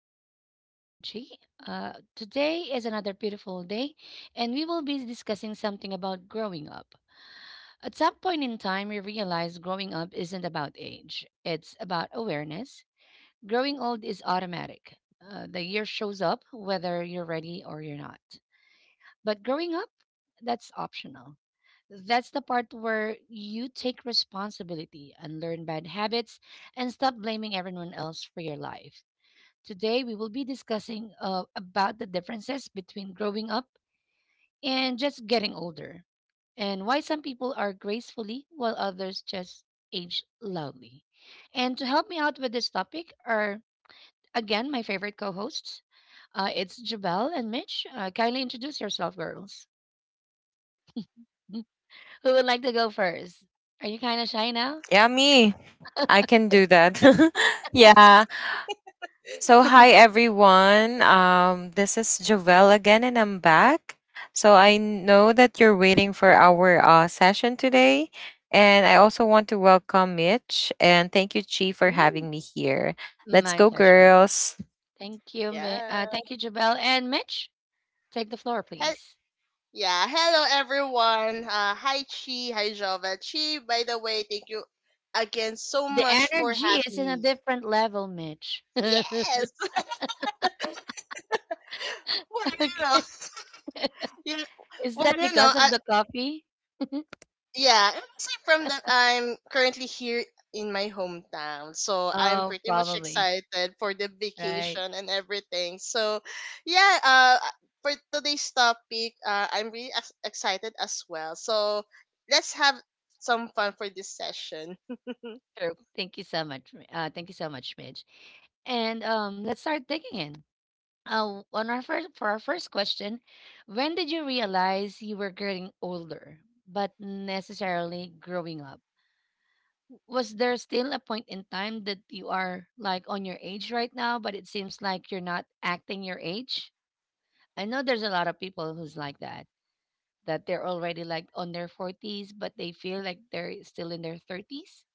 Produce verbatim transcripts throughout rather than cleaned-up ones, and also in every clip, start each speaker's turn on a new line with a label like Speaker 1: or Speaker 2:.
Speaker 1: morning to Daily Talk with G. Uh, today is another beautiful day, and we will be discussing something about growing up. At some point in time, we realize growing up isn't about age, it's about awareness. Growing old is automatic. Uh, the year shows up whether you're ready or you're not. But growing up, that's optional. That's the part where you take responsibility and learn bad habits and stop blaming everyone else for your life. Today we will be discussing uh, about the differences between growing up and just getting older, and why some people are gracefully while others just age loudly. And to help me out with this topic are again my favorite co-hosts. Uh, it's Jabel and Mitch. Uh, kindly introduce yourself, girls. Who would like to go first? Are you kind of shy now?
Speaker 2: Yeah, me. I can do that. Yeah. So hi, everyone. Um this is Jovel again and I'm back. So I know that you're waiting for our uh session today, and I also want to welcome Mitch and thank you, Chi, for
Speaker 3: Mm,
Speaker 2: having me here. Let's
Speaker 1: My
Speaker 2: go,
Speaker 1: pleasure.
Speaker 2: girls.
Speaker 1: Thank you, Mi- uh,
Speaker 3: Yeah.
Speaker 1: thank you, Jabel and Mitch. Take the floor,
Speaker 3: He-
Speaker 1: please.
Speaker 3: yeah. Hello, everyone. Uh, hi, Chi. Hi, Jova. Chi, by the way, thank you again so
Speaker 1: The
Speaker 3: much for
Speaker 1: energy is
Speaker 3: having
Speaker 1: in a
Speaker 3: me.
Speaker 1: different level, Mitch.
Speaker 3: Yes. Well, you know,
Speaker 1: Okay.
Speaker 3: you,
Speaker 1: Is
Speaker 3: well, you
Speaker 1: that
Speaker 3: know,
Speaker 1: because
Speaker 3: uh,
Speaker 1: of the coffee?
Speaker 3: yeah, I'm actually from the I'm currently here in my hometown, so I'm
Speaker 1: Oh,
Speaker 3: pretty much
Speaker 1: probably.
Speaker 3: excited for the
Speaker 1: Right.
Speaker 3: vacation and everything. So, yeah, uh, for today's topic, uh, I'm really ex- excited as well. So, let's have some fun for this session.
Speaker 1: True. Thank you so much. Mi- Uh, thank you so much, Mitch. And um, let's start digging in. Uh, on our first for our first question, when did you realize you were getting older, but necessarily growing up? Was there still a point in time that you are like on your age right now, but it seems like you're not acting your age? I know there's a lot of people who's like that, that they're already like on their forties, but they feel like they're still in their thirties,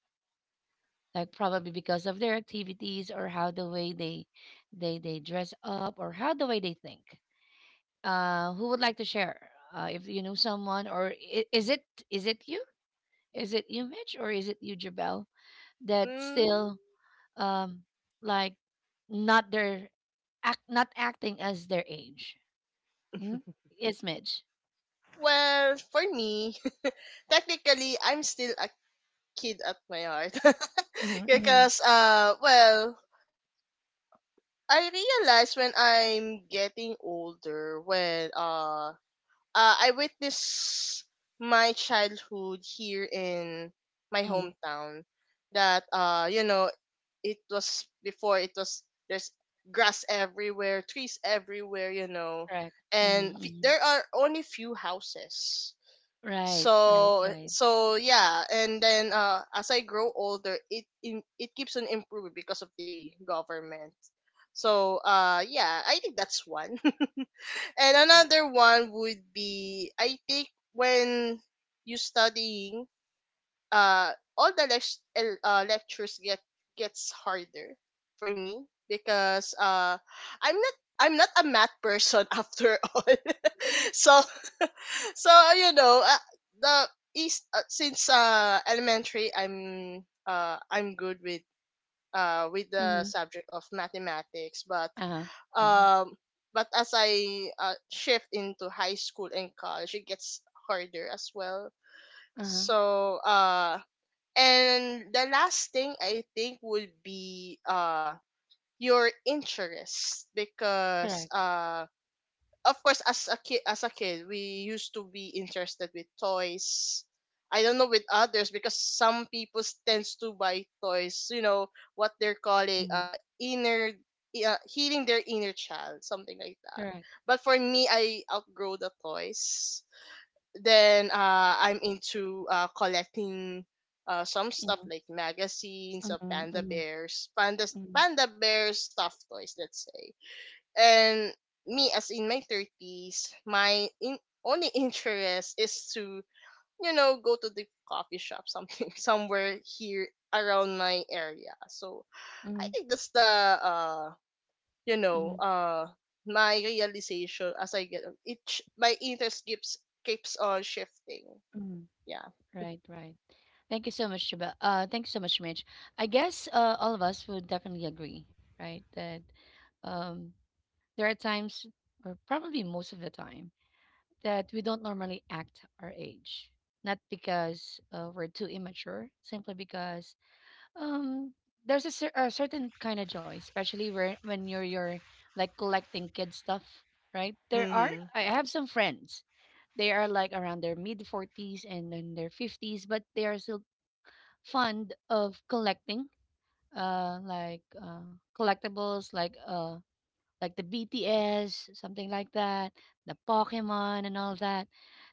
Speaker 1: like probably because of their activities or how the way they they they dress up or how the way they think. Uh, who would like to share? Uh, if you know someone, or i- is it is it you? Is it you, Mitch, or is it you, Jabel? That
Speaker 3: Mm,
Speaker 1: still um like not their act, not acting as their age. Mm? It's Mitch.
Speaker 3: well, for me, technically, I'm still a kid at my heart,
Speaker 1: Mm-hmm, mm-hmm.
Speaker 3: because uh, well, I realize when I'm getting older, when uh, uh I witness my childhood here in my hometown, that uh, you know, it was before it was there's grass everywhere, trees everywhere, you know,
Speaker 1: Correct.
Speaker 3: and
Speaker 1: Mm-hmm,
Speaker 3: f-
Speaker 1: hmm.
Speaker 3: there are only few houses.
Speaker 1: Right, right,
Speaker 3: So eh,
Speaker 1: right.
Speaker 3: so yeah, and then uh as I grow older it in, it keeps on improving because of the government, so uh yeah, I think that's one. And
Speaker 1: Mm-hmm.
Speaker 3: another one would be, I think, when you studying, uh all the lect- el- uh, lectures get gets harder for me, because uh i'm not i'm not a math person after all. So, so uh, you know, uh, the east uh, since uh elementary, i'm uh i'm good with, uh with
Speaker 1: Mm-hmm.
Speaker 3: the subject of mathematics, but
Speaker 1: Uh-huh. Uh-huh.
Speaker 3: um but as I, uh, shift into high school and college, it gets harder as well.
Speaker 1: Uh-huh.
Speaker 3: So, uh and the last thing I think would be uh your interest, because
Speaker 1: Correct.
Speaker 3: uh of course, as a kid as a kid we used to be interested with toys. I don't know with others, because some people tends to buy toys, you know, what they're calling,
Speaker 1: Mm-hmm.
Speaker 3: uh inner, uh, healing their inner child, something like that.
Speaker 1: Correct.
Speaker 3: But for me, I outgrow the toys, then uh I'm into uh collecting, uh, some stuff
Speaker 1: Mm-hmm.
Speaker 3: like magazines of
Speaker 1: Mm-hmm.
Speaker 3: panda
Speaker 1: Mm-hmm.
Speaker 3: bears, panda panda bear stuffed toys, let's say. And me as in my thirties, my in, only interest is to, you know, go to the coffee shop, something, somewhere here around my area. So
Speaker 1: Mm-hmm.
Speaker 3: I think that's the, uh you know,
Speaker 1: Mm-hmm.
Speaker 3: uh my realization as I get o- it sh- my interest keeps keeps on shifting.
Speaker 1: Mm-hmm.
Speaker 3: Yeah.
Speaker 1: Right, right. Thank you so much, Jabel. Uh, thank you so much, Mitch. I guess uh, all of us would definitely agree, right, that um, there are times, or probably most of the time, that we don't normally act our age. Not because uh, we're too immature, simply because Um, there's a, cer a certain kind of joy, especially where when you're you're like collecting kid stuff, right? There are
Speaker 3: Mm-hmm.
Speaker 1: I have some friends. They are like around their mid forties and then their fifties, but they are still fond of collecting, uh, like uh, collectibles, like uh, like the B T S, something like that, the Pokemon and all that.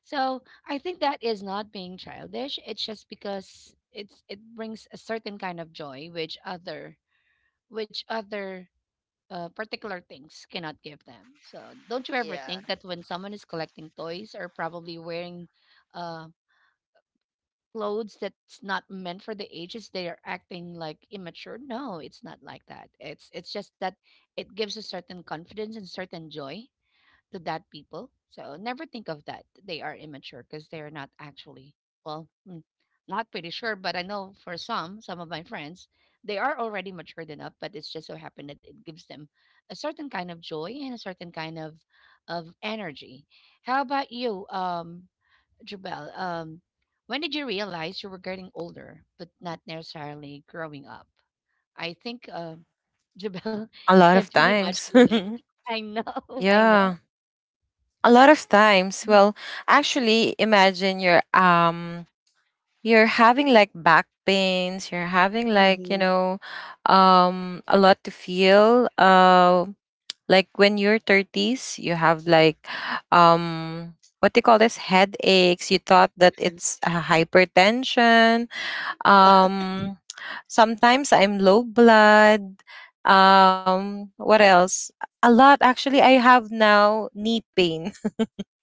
Speaker 1: So I think that is not being childish. It's just because it's it brings a certain kind of joy which other which other uh, particular things cannot give them. So don't you ever
Speaker 3: Yeah.
Speaker 1: think that when someone is collecting toys or probably wearing uh, clothes that's not meant for the ages, they are acting like immature? No, it's not like that. It's it's just that it gives a certain confidence and certain joy to that people. So never think of that. They are immature because they're not actually, well, mm, not pretty sure, but I know for some, some of my friends, they are already matured enough, but it's just so happened that it gives them a certain kind of joy and a certain kind of of energy. How about you, um, Jubel? Um, when did you realize you were getting older, but not necessarily growing up? I think uh, Jubel
Speaker 2: A lot
Speaker 1: can
Speaker 2: of
Speaker 1: pretty much
Speaker 2: times.
Speaker 1: relate. I know, I
Speaker 2: Yeah.
Speaker 1: know.
Speaker 2: A lot of times. Well, actually, imagine you're um you're having like back pains, you're having like, you
Speaker 3: Mm-hmm.
Speaker 2: know um a lot to feel, uh like when you're thirties, you have like, um what do you call this, headaches? You thought that it's, uh, hypertension. um Sometimes I'm low blood. Um what else? A lot. Actually, I have now knee pain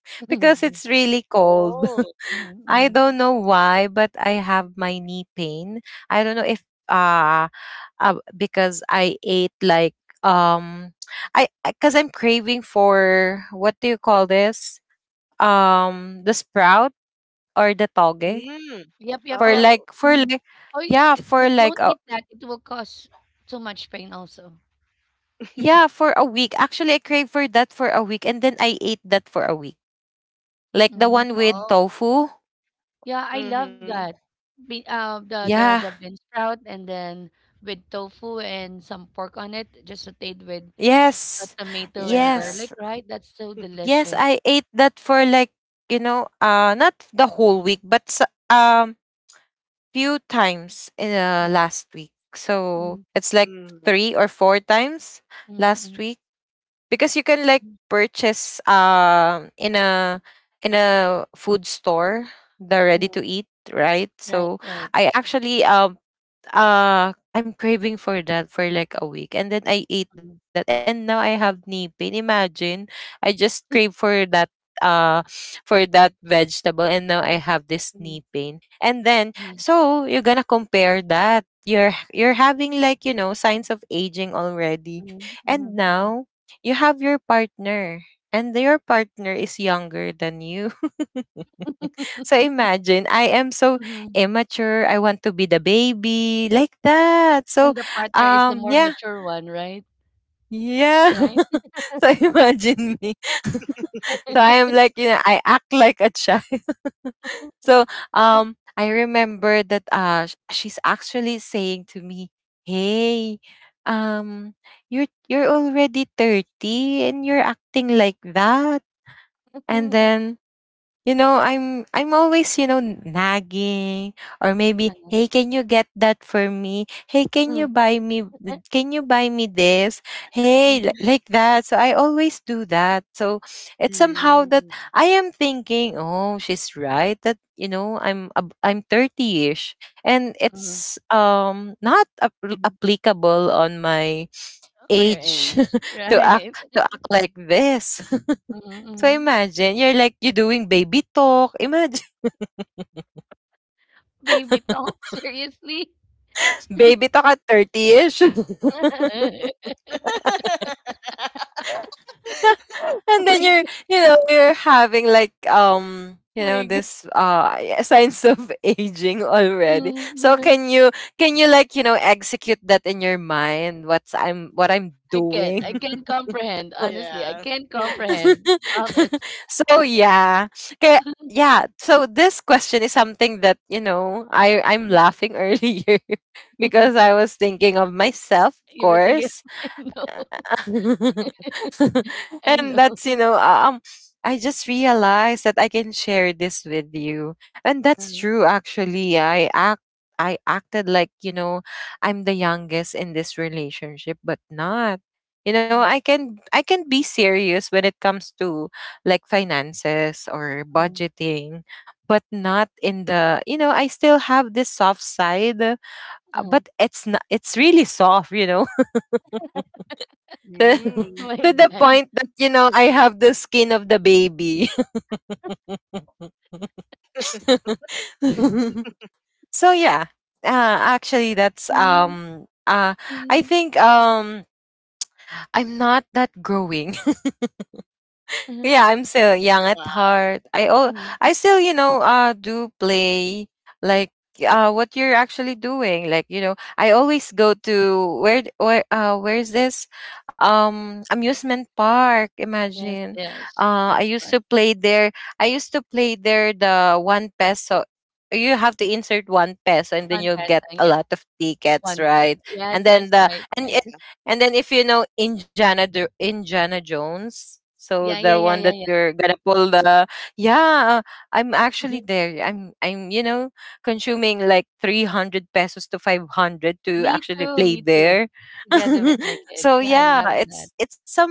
Speaker 2: because
Speaker 1: Mhm,
Speaker 2: it's really cold.
Speaker 3: Oh.
Speaker 1: mhm,
Speaker 2: I
Speaker 1: mhm.
Speaker 2: don't know why, but I have my knee pain. I don't know if, uh, uh because I ate like, um I because I'm craving for, what do you call this? Um the sprout or the toge
Speaker 3: Mm.
Speaker 1: Yep, yep,
Speaker 2: for
Speaker 1: yep.
Speaker 3: Oh.
Speaker 2: like for
Speaker 1: Mm.
Speaker 2: like
Speaker 1: Oh, y
Speaker 2: yeah,
Speaker 1: d d
Speaker 2: for like
Speaker 1: don't
Speaker 2: a,
Speaker 1: eat that. It will cause too much pain also.
Speaker 2: yeah, for a week. Actually, I crave for that for a week and then I ate that for a week. Like the one
Speaker 1: Mm.
Speaker 2: with
Speaker 3: Oh.
Speaker 2: tofu.
Speaker 1: Yeah, I love
Speaker 3: Mm-hmm.
Speaker 1: that. Be uh, the the the
Speaker 2: Yeah.
Speaker 1: bean sprout and then with tofu and some pork on it, just sautéed with a
Speaker 2: Yes.
Speaker 1: tomato and
Speaker 3: Yeah.
Speaker 1: garlic,
Speaker 2: Yes.
Speaker 1: right? That's so
Speaker 2: Yes,
Speaker 1: delicious.
Speaker 2: I ate that for like, you know, uh not the whole week, but, s- um few times in, uh,
Speaker 1: Mm,
Speaker 2: last week. So
Speaker 1: mm,
Speaker 2: it's like three or four times last
Speaker 1: mm,
Speaker 2: week because you can like
Speaker 1: mm,
Speaker 2: purchase, um in a in a food store, the ready
Speaker 1: mm.
Speaker 2: to eat, right?
Speaker 1: Right,
Speaker 2: So
Speaker 1: right.
Speaker 2: I actually, um uh I'm craving for that for like a week, and then I ate that,
Speaker 1: Mm,
Speaker 2: and now I have knee pain. Imagine, I just crave for that uh for that vegetable, and now I have this knee
Speaker 1: mm,
Speaker 2: pain. And then,
Speaker 1: mm,
Speaker 2: so you're gonna compare that. You're you're having like, you know, signs of aging already.
Speaker 1: mm,
Speaker 2: And
Speaker 1: mm, mm,
Speaker 2: now you have your partner, and your partner is younger than you. So imagine, I am so
Speaker 1: mhm.
Speaker 2: immature. I want to be the baby like that.
Speaker 1: And
Speaker 2: So,
Speaker 1: the partner is the
Speaker 2: um,
Speaker 1: more
Speaker 2: yeah,
Speaker 1: mature one, right?
Speaker 2: yeah.
Speaker 1: Right?
Speaker 2: So imagine me. So I am like, you know, I act like a child.
Speaker 1: Mhm,
Speaker 2: So, um, I remember that, uh, sh- she's actually saying to me, Hey, um, you're you're already thirty and you're acting like that. And then, you know i'm i'm always, you know n- nagging, or maybe,
Speaker 1: eh,
Speaker 2: hey, can you get that for me, hey, can
Speaker 1: mhm,
Speaker 2: you buy me can you buy me this, hey, li- like that. So I always do that, so it's somehow that
Speaker 3: Mm-hmm.
Speaker 2: I am thinking, oh, she's right that, you know i'm ab- i'm thirty-ish, and
Speaker 1: mhm,
Speaker 2: it's, um not, ap-
Speaker 1: mhm.
Speaker 2: applicable on my
Speaker 1: For your
Speaker 2: age
Speaker 1: age,
Speaker 2: to act
Speaker 1: right?
Speaker 2: to act like this.
Speaker 1: Mhm,
Speaker 2: So
Speaker 1: mhm.
Speaker 2: imagine, you're like, you're doing baby talk. Imagine,
Speaker 1: Baby talk, seriously?
Speaker 2: baby talk at thirty-ish. And then,
Speaker 1: Like,
Speaker 2: you're, you know, you're having like, um, you know,
Speaker 1: my g.
Speaker 2: this uh yeah, signs of aging already. So
Speaker 1: Mhm.
Speaker 2: can you, can you like, you know, execute that in your mind? What's I'm, what I'm
Speaker 1: I
Speaker 2: doing?
Speaker 1: can't, I
Speaker 3: Mhm.
Speaker 1: can't comprehend, honestly, I
Speaker 3: Yeah.
Speaker 1: can't comprehend, promise.
Speaker 2: So yeah. Kaya, yeah. So this question is something that, you know, I, I'm
Speaker 1: Mhm.
Speaker 2: laughing earlier because I was thinking of myself, of
Speaker 1: You were thinking
Speaker 2: course.
Speaker 1: I know, I
Speaker 2: And that's,
Speaker 1: know.
Speaker 2: you know uh, um I just realized that I can share this with you, and that's
Speaker 1: Uh-huh,
Speaker 2: true. Actually, i act I acted like, you know I'm the youngest in this relationship, but not, you know
Speaker 1: mhm,
Speaker 2: i can i can be serious when it comes to like finances or
Speaker 1: mhm,
Speaker 2: budgeting, but not in the, you know I still have this soft side, uh,
Speaker 1: uh-huh.
Speaker 2: but it's not, it's really soft, you know to,
Speaker 1: Oh
Speaker 3: Mm.
Speaker 1: my
Speaker 2: to the
Speaker 1: god.
Speaker 2: point that, you know I have the skin of the baby. So yeah, uh, actually, that's,
Speaker 1: Mhm,
Speaker 2: um. Uh, I
Speaker 1: mhm,
Speaker 2: think, um, I'm not that growing.
Speaker 1: uh-huh,
Speaker 2: Yeah, I'm still young at
Speaker 3: Wow.
Speaker 2: heart. I oh,
Speaker 1: mhm.
Speaker 2: I still, you know uh do play, like, uh what you're actually doing. Like, you know, I always go to where d- where uh where's this, um amusement park?
Speaker 1: Yes,
Speaker 2: Imagine,
Speaker 1: yes,
Speaker 2: uh, I
Speaker 1: that's
Speaker 2: used to
Speaker 1: fun.
Speaker 2: play there. I used to play there, the one peso. You have to insert one peso, and then
Speaker 1: Fun
Speaker 2: you'll get a
Speaker 1: pastime, get.
Speaker 2: lot of tickets,
Speaker 1: One
Speaker 2: right?
Speaker 1: person.
Speaker 2: And
Speaker 1: Yes,
Speaker 2: then
Speaker 1: that's
Speaker 2: the
Speaker 1: right,
Speaker 2: and
Speaker 3: Yeah.
Speaker 1: right.
Speaker 2: and then if you know Indiana, Do- Indiana Jones, so
Speaker 1: Yeah, yeah,
Speaker 2: the
Speaker 1: yeah,
Speaker 2: one that
Speaker 1: yeah,
Speaker 2: you're gonna pull the, yeah, I'm actually
Speaker 1: yeah.
Speaker 2: there. I'm I'm, you know consuming like three hundred pesos to five hundred to
Speaker 1: Me
Speaker 2: actually
Speaker 1: too,
Speaker 2: play
Speaker 1: me too.
Speaker 2: there.
Speaker 1: Together with my kids.
Speaker 2: So
Speaker 1: Yeah, I
Speaker 2: yeah,
Speaker 1: love that.
Speaker 2: it's it's some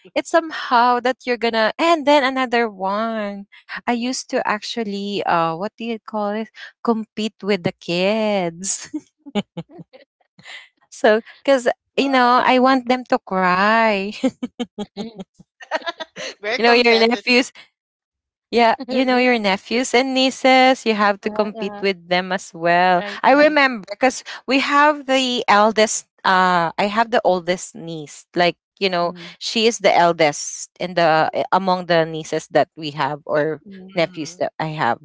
Speaker 2: it's somehow that you're gonna, and then another one. I used to actually, uh what do you call it? Compete with the kids. So cuz, you know, I
Speaker 3: Wow.
Speaker 2: want them to cry.
Speaker 3: Very
Speaker 2: You know your
Speaker 3: competitive.
Speaker 2: nephews. Yeah, you know your nephews and nieces. You have to
Speaker 1: Uh-huh,
Speaker 2: compete
Speaker 1: uh-huh.
Speaker 2: with them as well.
Speaker 1: Right,
Speaker 2: I
Speaker 1: right.
Speaker 2: remember because we have the eldest. Uh, I have the oldest niece. Like, you know,
Speaker 1: Mm-hmm.
Speaker 2: she is the eldest in the, eh, among the nieces that we have, or
Speaker 1: Mm-hmm.
Speaker 2: nephews
Speaker 3: Mhm.
Speaker 2: that I have.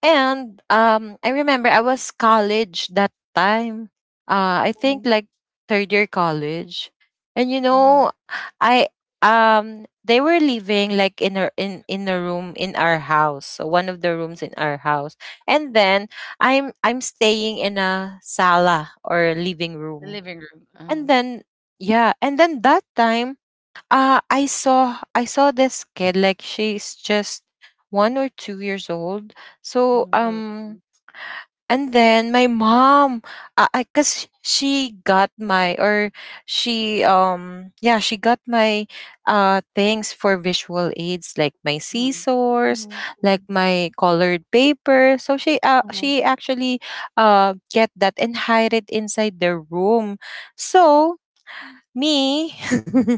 Speaker 2: And, um, I remember I was college that time. Uh, I think
Speaker 1: Mm-hmm.
Speaker 2: like third year college, and, you
Speaker 1: Mm-hmm.
Speaker 2: know, I um they were living like in a in in a room in our house, so one of the rooms in our house, and then I'm I'm staying in a sala or living
Speaker 1: The
Speaker 2: room,
Speaker 1: living room.
Speaker 2: and
Speaker 1: Uh-huh.
Speaker 2: then yeah, and then that time, uh, I saw I saw this kid, like she's just one or two years old. So,
Speaker 1: Mm-hmm.
Speaker 2: um,
Speaker 3: Mhm.
Speaker 2: and then my mom, uh, I cause she got my or she, um yeah, she got my, uh things for visual aids, like my
Speaker 1: Mm-hmm.
Speaker 2: scissors, like
Speaker 1: Mm-hmm.
Speaker 2: my colored paper. So she uh
Speaker 1: Mm-hmm. Uh-huh.
Speaker 2: she actually, uh get that and hide it inside the room. So me,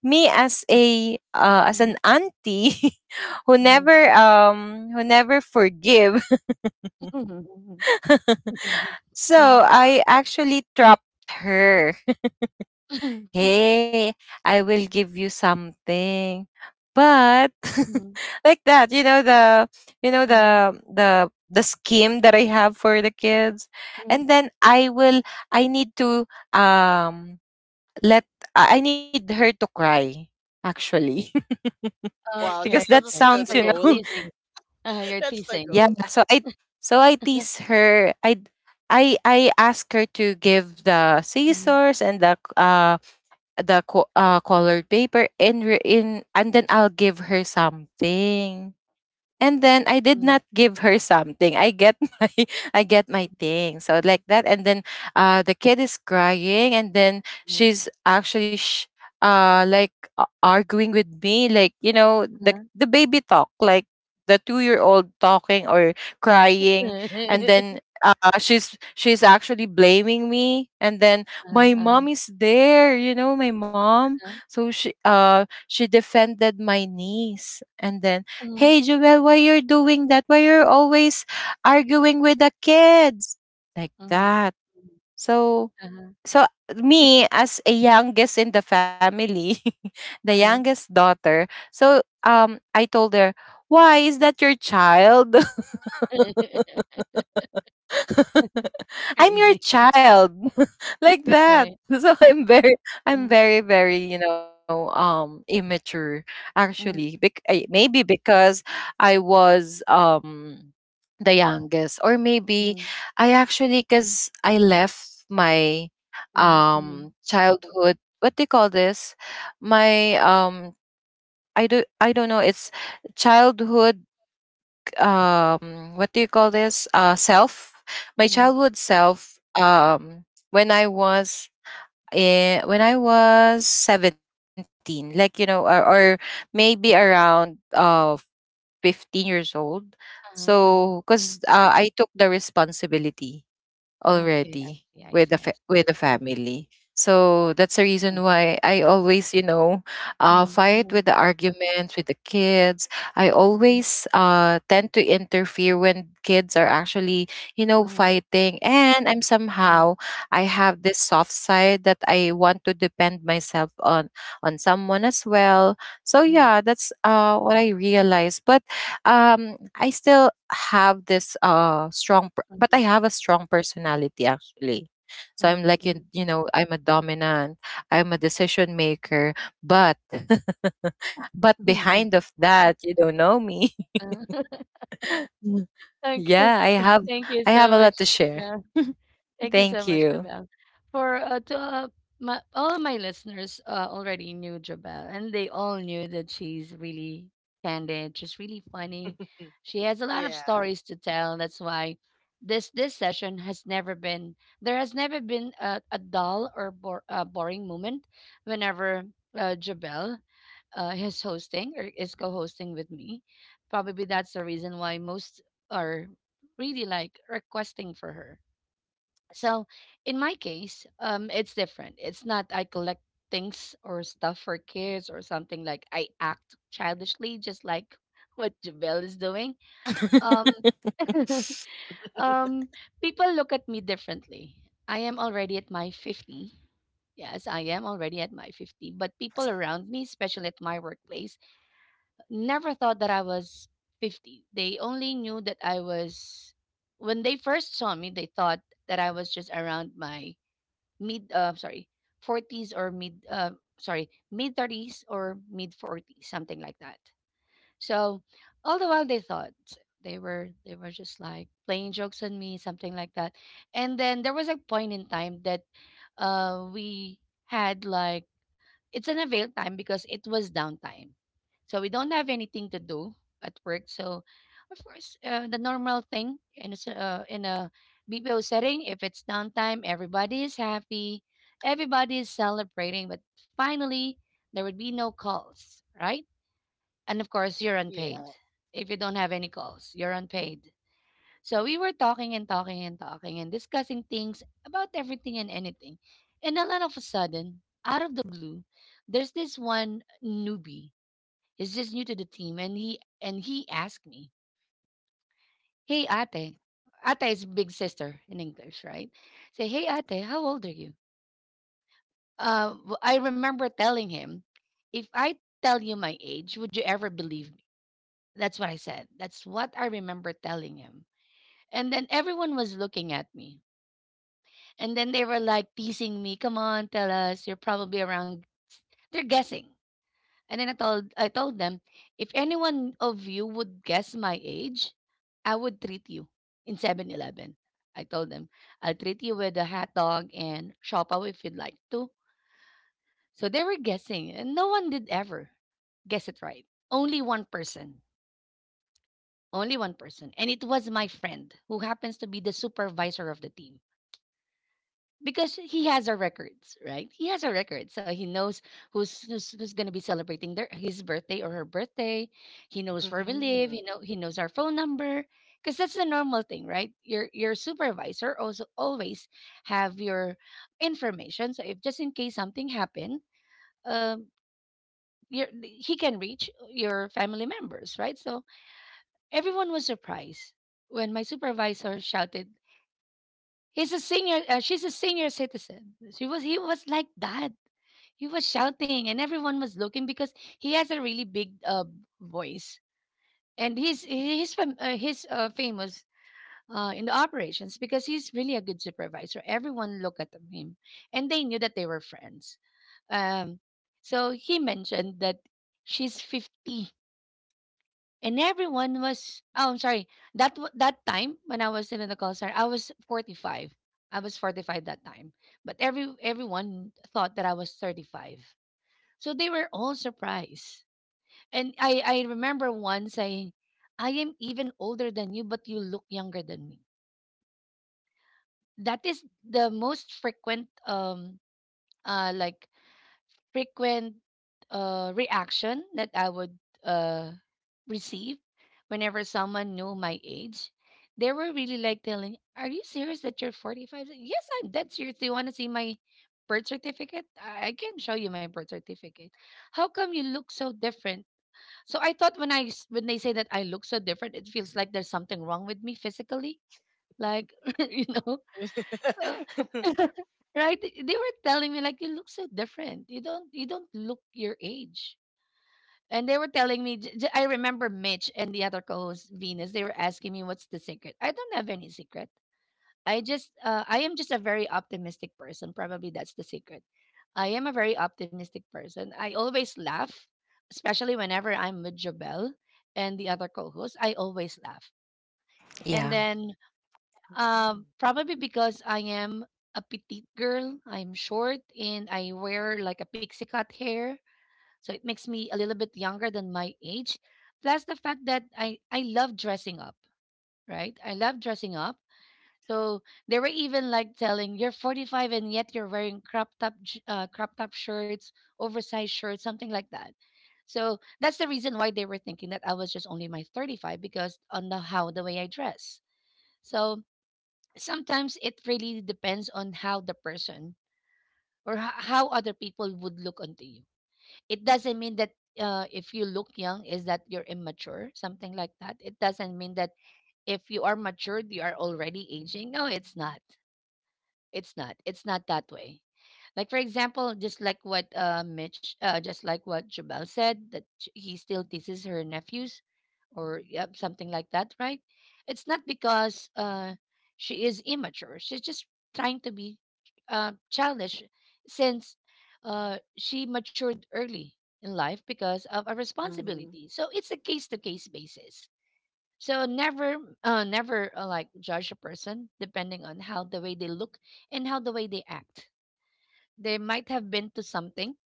Speaker 2: me as a uh, as
Speaker 1: Mm-hmm.
Speaker 2: an auntie who
Speaker 1: Mm-hmm.
Speaker 2: never um who never forgive. So
Speaker 3: Wow.
Speaker 2: I actually trapped her.
Speaker 1: Mm-hmm, mm-hmm,
Speaker 2: Hey, I will give you something. But
Speaker 1: mm-hmm,
Speaker 2: like that, you know the you know
Speaker 1: mm-hmm.
Speaker 2: the the the scheme that I have for the kids. And then I will I need to um let I I need her to cry, actually.
Speaker 3: Wow.
Speaker 1: Okay,
Speaker 3: That,
Speaker 2: Because that
Speaker 3: that's
Speaker 1: okay.
Speaker 3: the
Speaker 2: sounds,
Speaker 1: So
Speaker 3: the
Speaker 2: you
Speaker 1: you're
Speaker 2: know.
Speaker 3: goal.
Speaker 1: teasing. Uh, you're
Speaker 3: That's the
Speaker 1: teasing.
Speaker 2: Yeah,
Speaker 3: goal.
Speaker 2: so I so I tease her. I I I ask her to give the
Speaker 1: Mm-hmm.
Speaker 2: scissors and the uh the co- uh, colored paper, and re- in and then I'll give her something. And then I did
Speaker 1: Mm-hmm.
Speaker 2: not give her something. I get my I get my thing. So like that, and then, uh, the kid is crying, and then she's actually sh- uh like, a- arguing with me, like, you know the
Speaker 1: Uh-huh.
Speaker 2: the baby talk, like the two year old talking or crying, and then,
Speaker 1: Uh-huh.
Speaker 2: Uh, she's she's actually blaming me, and then my mom
Speaker 1: Uh-huh.
Speaker 2: is there, you know my mom,
Speaker 1: Huh?
Speaker 2: so she uh she defended my niece, and then,
Speaker 1: Mhm,
Speaker 2: Hey Joel, why you're doing that? Why you're always arguing with the kids? Like
Speaker 1: mhm.
Speaker 2: that. So
Speaker 1: Mhm.
Speaker 2: so me as a youngest in the family, the
Speaker 1: Uh-huh, uh-huh.
Speaker 2: youngest daughter, so, um I told her, Why is that your child? I'm your
Speaker 1: Crazy,
Speaker 2: child, like that.
Speaker 1: right.
Speaker 2: So I'm very I'm
Speaker 1: Mm,
Speaker 2: very very you know um immature, actually.
Speaker 1: mhm,
Speaker 2: Bec- I- maybe because I was, um the youngest, or maybe
Speaker 1: mhm,
Speaker 2: I actually, cuz I left my,
Speaker 1: mhm, mhm,
Speaker 2: um childhood, what do you call this, my, um I do I don't know, it's childhood, um what do you call this, uh self, my
Speaker 1: mhm.
Speaker 2: childhood self, um when i was in, when i was seventeen, like, you know or, or maybe around, uh fifteen years old.
Speaker 1: Uh-huh,
Speaker 2: So
Speaker 1: uh-huh.
Speaker 2: cuz, uh, I took the responsibility
Speaker 1: Okay, I
Speaker 2: already
Speaker 1: see, I
Speaker 2: with the
Speaker 1: see, I
Speaker 2: fa-
Speaker 1: see.
Speaker 2: with the family. So that's the reason
Speaker 1: Okay.
Speaker 2: why I always, you know, uh,
Speaker 1: Mhm,
Speaker 2: fight
Speaker 1: mhm,
Speaker 2: with the arguments with the kids. I
Speaker 1: mhm,
Speaker 2: always, uh, tend to interfere when kids are actually, you know, fighting. And I'm
Speaker 1: mhm,
Speaker 2: somehow I have this soft side that I want to depend myself on on someone as well. So
Speaker 1: mhm,
Speaker 2: yeah, that's, uh, what I realized. But, um I still have this, uh strong per- but I
Speaker 1: mhm,
Speaker 2: have a strong personality, actually. So I'm
Speaker 1: mhm,
Speaker 2: like you,
Speaker 1: mhm,
Speaker 2: you know, I'm a dominant, I'm a decision maker, but but
Speaker 1: mhm.
Speaker 2: behind of that, you don't know me. Mm.
Speaker 1: Okay,
Speaker 2: Yeah, I have
Speaker 1: thank you
Speaker 2: I have
Speaker 1: so
Speaker 2: a
Speaker 1: much,
Speaker 2: lot to share.
Speaker 1: Javel. Thank you so
Speaker 2: Thank
Speaker 1: much,
Speaker 2: you.
Speaker 1: Jabel. For uh, to uh, my, all of my listeners uh, already knew Jabel, and they all knew that she's really candid. She's really funny.
Speaker 3: Mm.
Speaker 1: She has a lot of
Speaker 3: Yeah.
Speaker 1: stories to tell. That's why this this session has never been there has never been a, a dull or bor- uh, boring moment whenever uh, Jabel uh, is hosting or is co-hosting with me. Probably that's the reason why most are really like requesting for her, so in my case, um, it's different. It's not I collect things or stuff for kids or something like I act childishly, just like what Jabel is doing. Um, um, people look at me differently. I am already at my fifty. Yes, I am already at my fifty, but people around me, especially at my workplace, never thought that I was fifty. They only knew that I was, when they first saw me, they thought that I was just around my mid uh sorry forties or mid uh sorry mid thirties or mid forties, something like that. So all the while they thought they were they were just like playing jokes on me, something like that. And then there was a point in time that uh we had like, it's an avail time because it was downtime. So we don't have anything to do at work. So of course, uh, the normal thing in a, s- uh, in a B P O setting, if it's downtime, everybody is happy, everybody is celebrating, but finally there would be no calls, right? And of course, you're unpaid.
Speaker 3: Yeah.
Speaker 1: If you don't have any calls, you're unpaid. So we were talking and talking and talking and discussing things about everything and anything. And then all of a sudden, out of the blue, there's this one newbie. He's just new to the team and he and he asked me, "Hey Ate." Ate is big sister in English, right? Say, "Hey Ate, how old are you?" Uh, w- I remember telling him, if I tell you my age, would you ever believe me? That's what I said. That's what I remember telling him. And then everyone was looking at me. And then they were like teasing me, "Come on, tell us. You're probably around." They're guessing. And then I told I told them, "If anyone of you would guess my age, I would treat you in Seven Eleven. I told them, "I'll treat you with a hot dog and shopaw if you'd like to." So they were guessing, and no one did ever guess it right. Only one person. Only one person. And it was my friend who happens to be the supervisor of the team, because he has our records, right? He has our records, so he knows who's who's, who's going to be celebrating their his birthday or her birthday. He knows where we live. He
Speaker 3: Mhm.
Speaker 1: know he knows our phone number because that's the normal thing, right? Your your supervisor also always have your information. So if just in case something happened, um, your he can reach your family members, right? So everyone was surprised when my supervisor shouted, "He's a senior. Uh, she's a senior citizen." She was. He was like that. He was shouting and everyone was looking because he has a really big uh, voice, and he's he's fam- uh, he's uh, famous uh, in the operations because he's really a good supervisor. Everyone looked at him and they knew that they were friends. um, so he mentioned that she's fifty, and everyone was, oh I'm sorry, that wa- that time when I was in the call center I was forty-five. I was forty-five that time, but every everyone thought that I was thirty-five, so they were all surprised. And I, I remember one saying, "I am even older than you, but you look younger than me." That is the most frequent um uh like frequent uh reaction that I would uh receive whenever someone knew my age. They were really like telling, "Are you serious that you're forty five?" Yes, I'm dead serious. Do you want to see my birth certificate? I I can show you my birth certificate. How come you look so different? So I thought when I s- when they say that I look so different, it feels like there's something wrong with me physically. Like you know, uh, right? They they were telling me like you look so different. You don't you don't look your age. And they were telling me. j- j- I remember Mitch and the other co-host Venus. They were asking me what's the secret. I don't have any secret. I just uh, I am just a very optimistic person. Probably that's the secret. I am a very optimistic person. I always laugh, especially whenever I'm with Jobel and the other co-hosts. I always laugh. And
Speaker 2: Yeah.
Speaker 1: then
Speaker 3: Mhm.
Speaker 1: um, probably because I am a petite girl, I'm short and I wear like a pixie cut hair, so it makes me a little bit younger than my age. Plus the fact that I I love dressing up, right? I love dressing up, so they were even like telling you're forty five and yet you're wearing crop top j- uh, crop top shirts, oversized shirts, something like that. So that's the reason why they were thinking that I was just only my thirty five because on the how the way I dress. So sometimes it really depends on how the person or h- how other people would look onto you. It doesn't mean that uh, if you look young is that you're immature, something like that. It doesn't mean that if you are matured you are already aging. No, it's not. It's not. It's not that way. Like for example, just like what uh, Mitch, uh, just like what Jabal said, that sh- he still teases her nephews, or yep, something like that, right? It's not because uh, she is immature. She's just trying to be uh, childish, since uh, she matured early in life because of a
Speaker 3: Mhm.
Speaker 1: responsibility. So it's a case to case basis, so never, uh, never uh, like judge a person depending on how the way they look and how the way they act. They might have been to something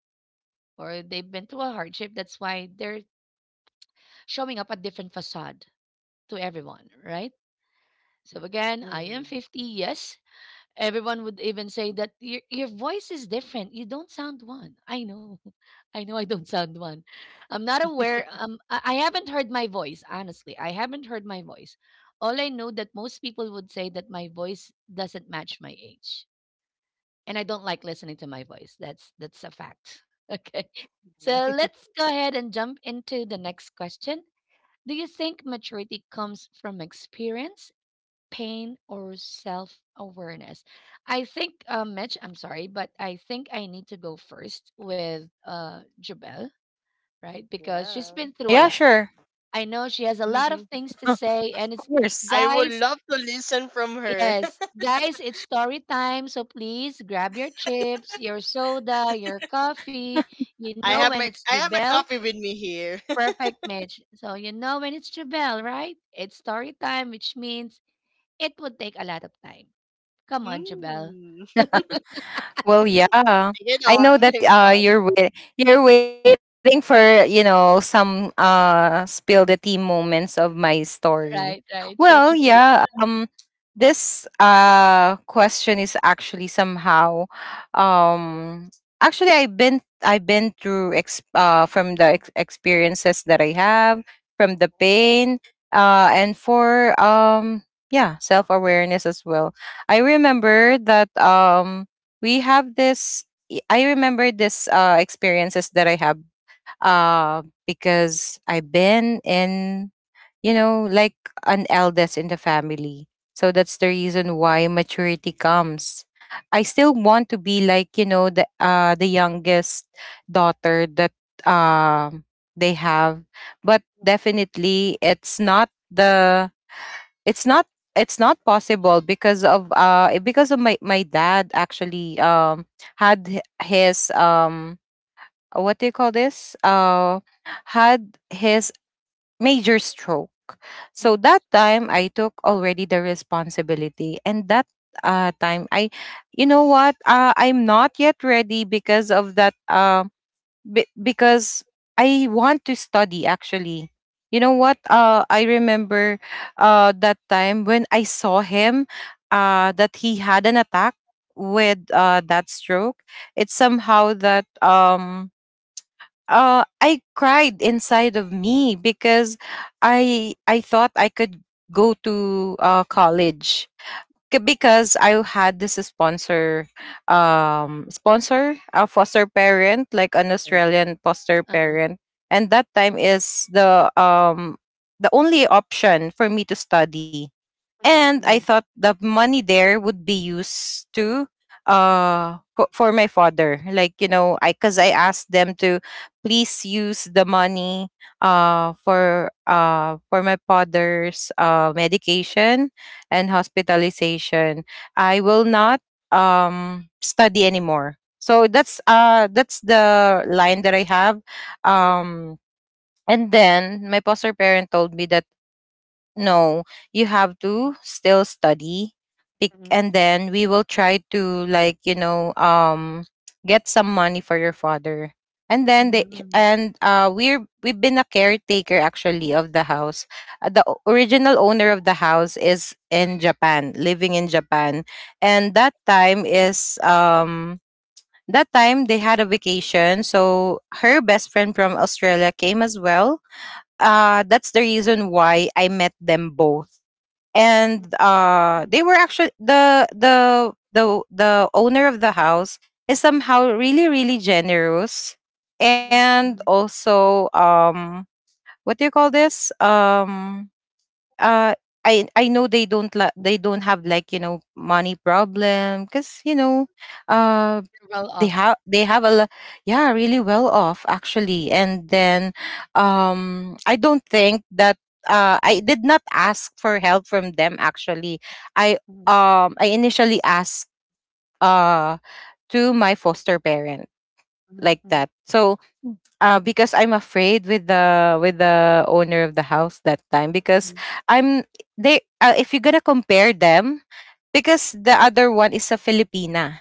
Speaker 1: or they've been to a hardship. That's why they're showing up a different facade to everyone, right? So again, I am
Speaker 3: Mhm.
Speaker 1: fifty, yes. Everyone would even say that your your voice is different. You don't sound one. I know. I know I don't sound one. I'm not aware. Um, I I haven't heard my voice, honestly. I haven't heard my voice. All I know that most people would say that my voice doesn't match my age. And I don't like listening to my voice. That's that's a fact. Okay. So let's go ahead and jump into the next question. Do you think maturity comes from experience, pain, or self awareness? I think, uh, Mitch, I'm sorry, but I think I need to go first with uh, Jabel, right? Because she's
Speaker 3: Yeah.
Speaker 1: been through a
Speaker 2: Yeah,
Speaker 1: lot.
Speaker 2: sure.
Speaker 1: I know she has a lot of
Speaker 3: Mhm.
Speaker 1: things to say,
Speaker 2: Of
Speaker 1: and it's
Speaker 2: course.
Speaker 3: I would
Speaker 1: guys.
Speaker 3: love to listen from her.
Speaker 1: Yes, guys, it's story time. So please grab your chips, your soda, your coffee. You
Speaker 3: I
Speaker 1: know
Speaker 3: have
Speaker 1: when
Speaker 3: my
Speaker 1: it's
Speaker 3: I have my
Speaker 1: Jabel.
Speaker 3: coffee with me here.
Speaker 1: Perfect, Mitch. So you know when it's Jabel, right? It's story time, which means it would take a lot of time. Come on, Jabel.
Speaker 3: Mhm.
Speaker 2: Well, yeah.
Speaker 3: Hang
Speaker 2: I know
Speaker 3: on,
Speaker 2: that,
Speaker 3: hang
Speaker 2: uh,
Speaker 3: on.
Speaker 2: you're wait- you're waiting for, you know some, uh, spill the tea moments of my story.
Speaker 1: Right, right. True,
Speaker 2: Well,
Speaker 1: true.
Speaker 3: Yeah.
Speaker 2: yeah. Um, this, uh question is actually somehow, um, actually, I've been I've been through, ex- uh from the ex- experiences that I have, from the pain, uh and for, um yeah, self awareness as well. I remember that um we have this y- i remember this uh experiences that I have uh because I've been in you know like an eldest in the family, so that's the reason why maturity comes. I still want to be like, you know, the uh the youngest daughter that um they have, but definitely it's not the it's not it's not possible because of uh eh, because of my my dad actually. um had h- his um uh, what do you call this uh Had his major stroke. So that time I took already the responsibility, and that uh time I, you know what, uh, I'm not yet ready because of that um. Be- because I want to study actually. You know what? Uh, I remember uh, that time when I saw him, uh, that he had an attack with, uh, that stroke. It's somehow that um, uh, I cried inside of me because I I thought I could go to, uh, college. K- because I had this sponsor, um, sponsor, a foster parent, like an
Speaker 1: Correct.
Speaker 2: Australian foster
Speaker 1: Uh-huh.
Speaker 2: parent, and that time is the um the only option for me to study.
Speaker 1: Mhm,
Speaker 2: And I
Speaker 1: mhm,
Speaker 2: thought the money there would be used to uh for, for my father, like, you know, I, because I asked them to please use the money uh for uh for my father's uh medication and hospitalization. I will not um study anymore, so that's uh that's the line that I have. um and then my foster parent told me that no, you have to still study. bec-
Speaker 1: mhm,
Speaker 2: And then we will try to, like, you know, um get some
Speaker 1: mhm,
Speaker 2: money for your father. And then they,
Speaker 1: mhm,
Speaker 2: and uh we're we've been a caretaker actually of the house. Uh, The o- original owner of the house is in Japan, living in Japan. And that time is, um that time they had a vacation, so her best friend from Australia came as well. Uh, that's the reason why I met them both.
Speaker 1: mhm,
Speaker 2: And uh, they
Speaker 1: mhm,
Speaker 2: were actually the, the the the owner of the house is somehow really really generous,
Speaker 1: mhm,
Speaker 2: and
Speaker 1: mhm.
Speaker 2: also um, what do you call this? Um, uh, I I know they don't la- they don't have, like, you know, money problem, because you know, uh,
Speaker 1: Well
Speaker 2: they
Speaker 1: off.
Speaker 2: have, they have a lo- yeah, really well off actually. And then um I don't think that, uh I did not ask for help from them actually. i
Speaker 1: Mhm,
Speaker 2: um I initially asked uh to my foster parent
Speaker 1: mhm,
Speaker 2: like
Speaker 1: mhm.
Speaker 2: that. So uh because I'm afraid with, the with the owner of the house that time,
Speaker 1: Mm.
Speaker 2: because I'm they, uh, if you're gonna compare them, because the other one is a filipina,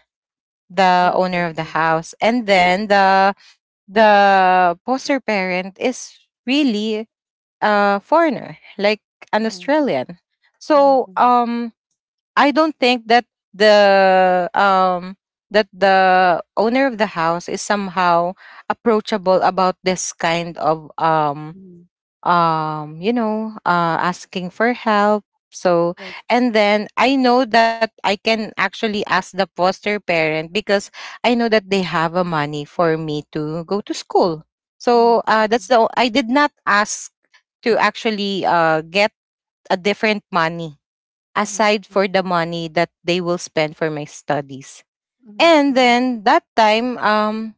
Speaker 2: the
Speaker 1: Okay,
Speaker 2: owner of the
Speaker 1: okay, okay.
Speaker 2: house, and then the the poster parent is really a foreigner, like an
Speaker 1: Mhm,
Speaker 2: Australian.
Speaker 1: mhm,
Speaker 2: So
Speaker 1: mhm.
Speaker 2: um, I don't think that the um, that the owner of the house is somehow approachable about this kind of um,
Speaker 1: Mm.
Speaker 2: um you know, uh asking for help. So
Speaker 1: Right, right.
Speaker 2: and then I know that I can actually ask the foster parent, because I know that they have a money for me to go to school. So
Speaker 1: Mhm,
Speaker 2: uh that's
Speaker 1: mhm,
Speaker 2: the o- I did not ask to actually uh get a different money
Speaker 1: mhm,
Speaker 2: aside for
Speaker 1: mhm,
Speaker 2: the money that they will spend for my studies.
Speaker 1: mhm,
Speaker 2: And
Speaker 1: mhm.
Speaker 2: then that time, um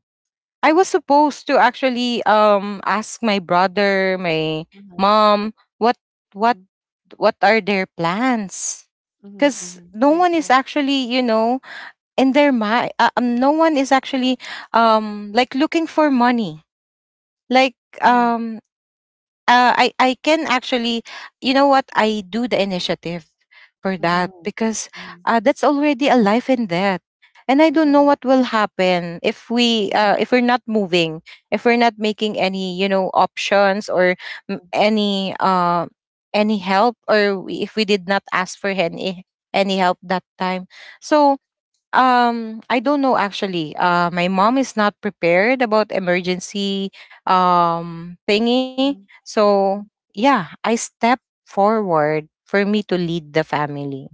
Speaker 2: I was supposed to actually um ask my brother, my
Speaker 1: Uh-huh.
Speaker 2: mom, what what
Speaker 1: Mhm,
Speaker 2: what are their plans?
Speaker 1: mhm,
Speaker 2: Because
Speaker 1: mhm.
Speaker 2: no
Speaker 1: Right,
Speaker 2: one is
Speaker 1: right.
Speaker 2: actually, you know, in their mind. Uh, um, no one is actually um like looking for money. Like
Speaker 1: Mhm,
Speaker 2: um uh, I I can actually, you know what? I do the initiative for that
Speaker 1: mhm,
Speaker 2: because,
Speaker 1: mhm.
Speaker 2: uh, that's already a life and death, and I don't know
Speaker 1: Correct.
Speaker 2: what will happen if we, uh,
Speaker 1: Mhm,
Speaker 2: if we're not moving, if we're not making any, you know, options, or mm, any uh any help, or we- if we did not ask for any any help that time. So Um, I don't know actually. Uh, my mom is not prepared about emergency um thingy.
Speaker 1: mhm. Mhm. Mhm,
Speaker 2: So
Speaker 1: mhm.
Speaker 2: yeah, I step forward for me to lead the family.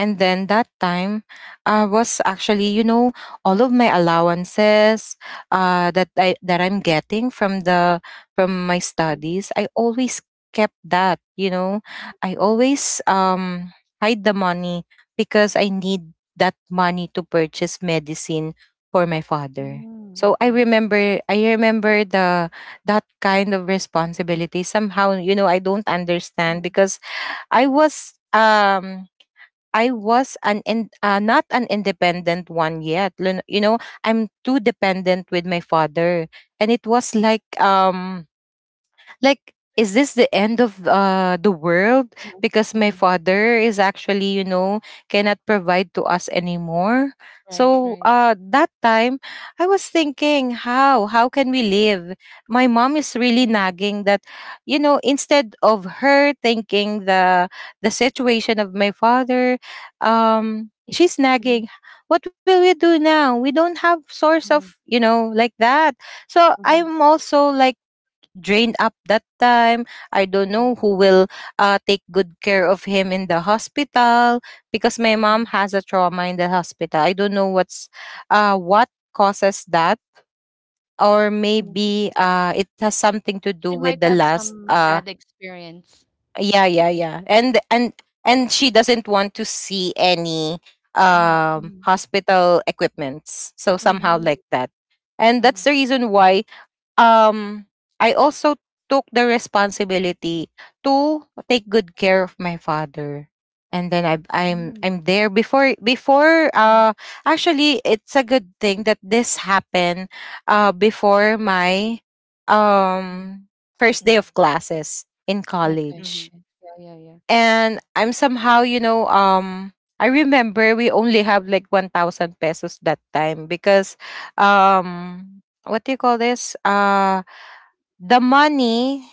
Speaker 2: And then that time, I was actually, you know, all of my allowances, uh, that I that I'm getting from the, from my studies, I always kept that. You know, I
Speaker 1: Mhm, mhm,
Speaker 2: always um, hide the money, because I need that money to purchase medicine for my father.
Speaker 1: mhm.
Speaker 2: So I
Speaker 1: Okay.
Speaker 2: remember, I remember the that kind of responsibility. Somehow, you know, I don't understand
Speaker 1: Mhm.
Speaker 2: because I was um I was an in, uh, not an independent one yet. Lun- You know, I'm too dependent with my father, and it was like um like, is this the end of, uh, the world?
Speaker 1: Mhm.
Speaker 2: Because
Speaker 1: Mhm,
Speaker 2: my
Speaker 1: mhm.
Speaker 2: father is actually, you know, cannot provide to us anymore.
Speaker 1: Right,
Speaker 2: So
Speaker 1: right.
Speaker 2: uh that time I was thinking, how how can we live? My mom is really
Speaker 1: Mhm,
Speaker 2: nagging that, you know, instead of her thinking the the situation of my father, um she's
Speaker 1: mhm.
Speaker 2: nagging, what will we do now? We don't have source
Speaker 1: Mhm,
Speaker 2: of, you know, like that. So
Speaker 1: mhm,
Speaker 2: I'm also like drained up that time. I don't
Speaker 1: mhm,
Speaker 2: know who will, uh, take good care of him in the hospital, because my mom
Speaker 1: mhm,
Speaker 2: has a trauma in the hospital. I don't know what's, uh, what causes that, or
Speaker 1: mhm.
Speaker 2: maybe uh, it has something to do
Speaker 1: She
Speaker 2: with
Speaker 1: might
Speaker 2: the
Speaker 1: have
Speaker 2: last.
Speaker 1: some
Speaker 2: Uh,
Speaker 1: bad experience,
Speaker 2: yeah, yeah,
Speaker 1: right?
Speaker 2: yeah, and and and she doesn't want to see any
Speaker 1: Mhm,
Speaker 2: um
Speaker 1: mhm,
Speaker 2: hospital equipments, so somehow
Speaker 1: mhm,
Speaker 2: like that. And that's
Speaker 1: mhm,
Speaker 2: the reason why um I also took the responsibility to take good care of my father. And then I I'm
Speaker 1: mhm,
Speaker 2: I'm there before before
Speaker 1: mhm,
Speaker 2: uh actually it's a good thing that this happened uh before my
Speaker 1: mhm.
Speaker 2: um first day
Speaker 3: Mm.
Speaker 2: of classes in
Speaker 1: Okay,
Speaker 3: Mhm.
Speaker 2: college.
Speaker 1: okay. Yeah, yeah, yeah.
Speaker 2: And I'm somehow, you know, um I remember we only have like one thousand pesos that time because um what do you call this? Uh the money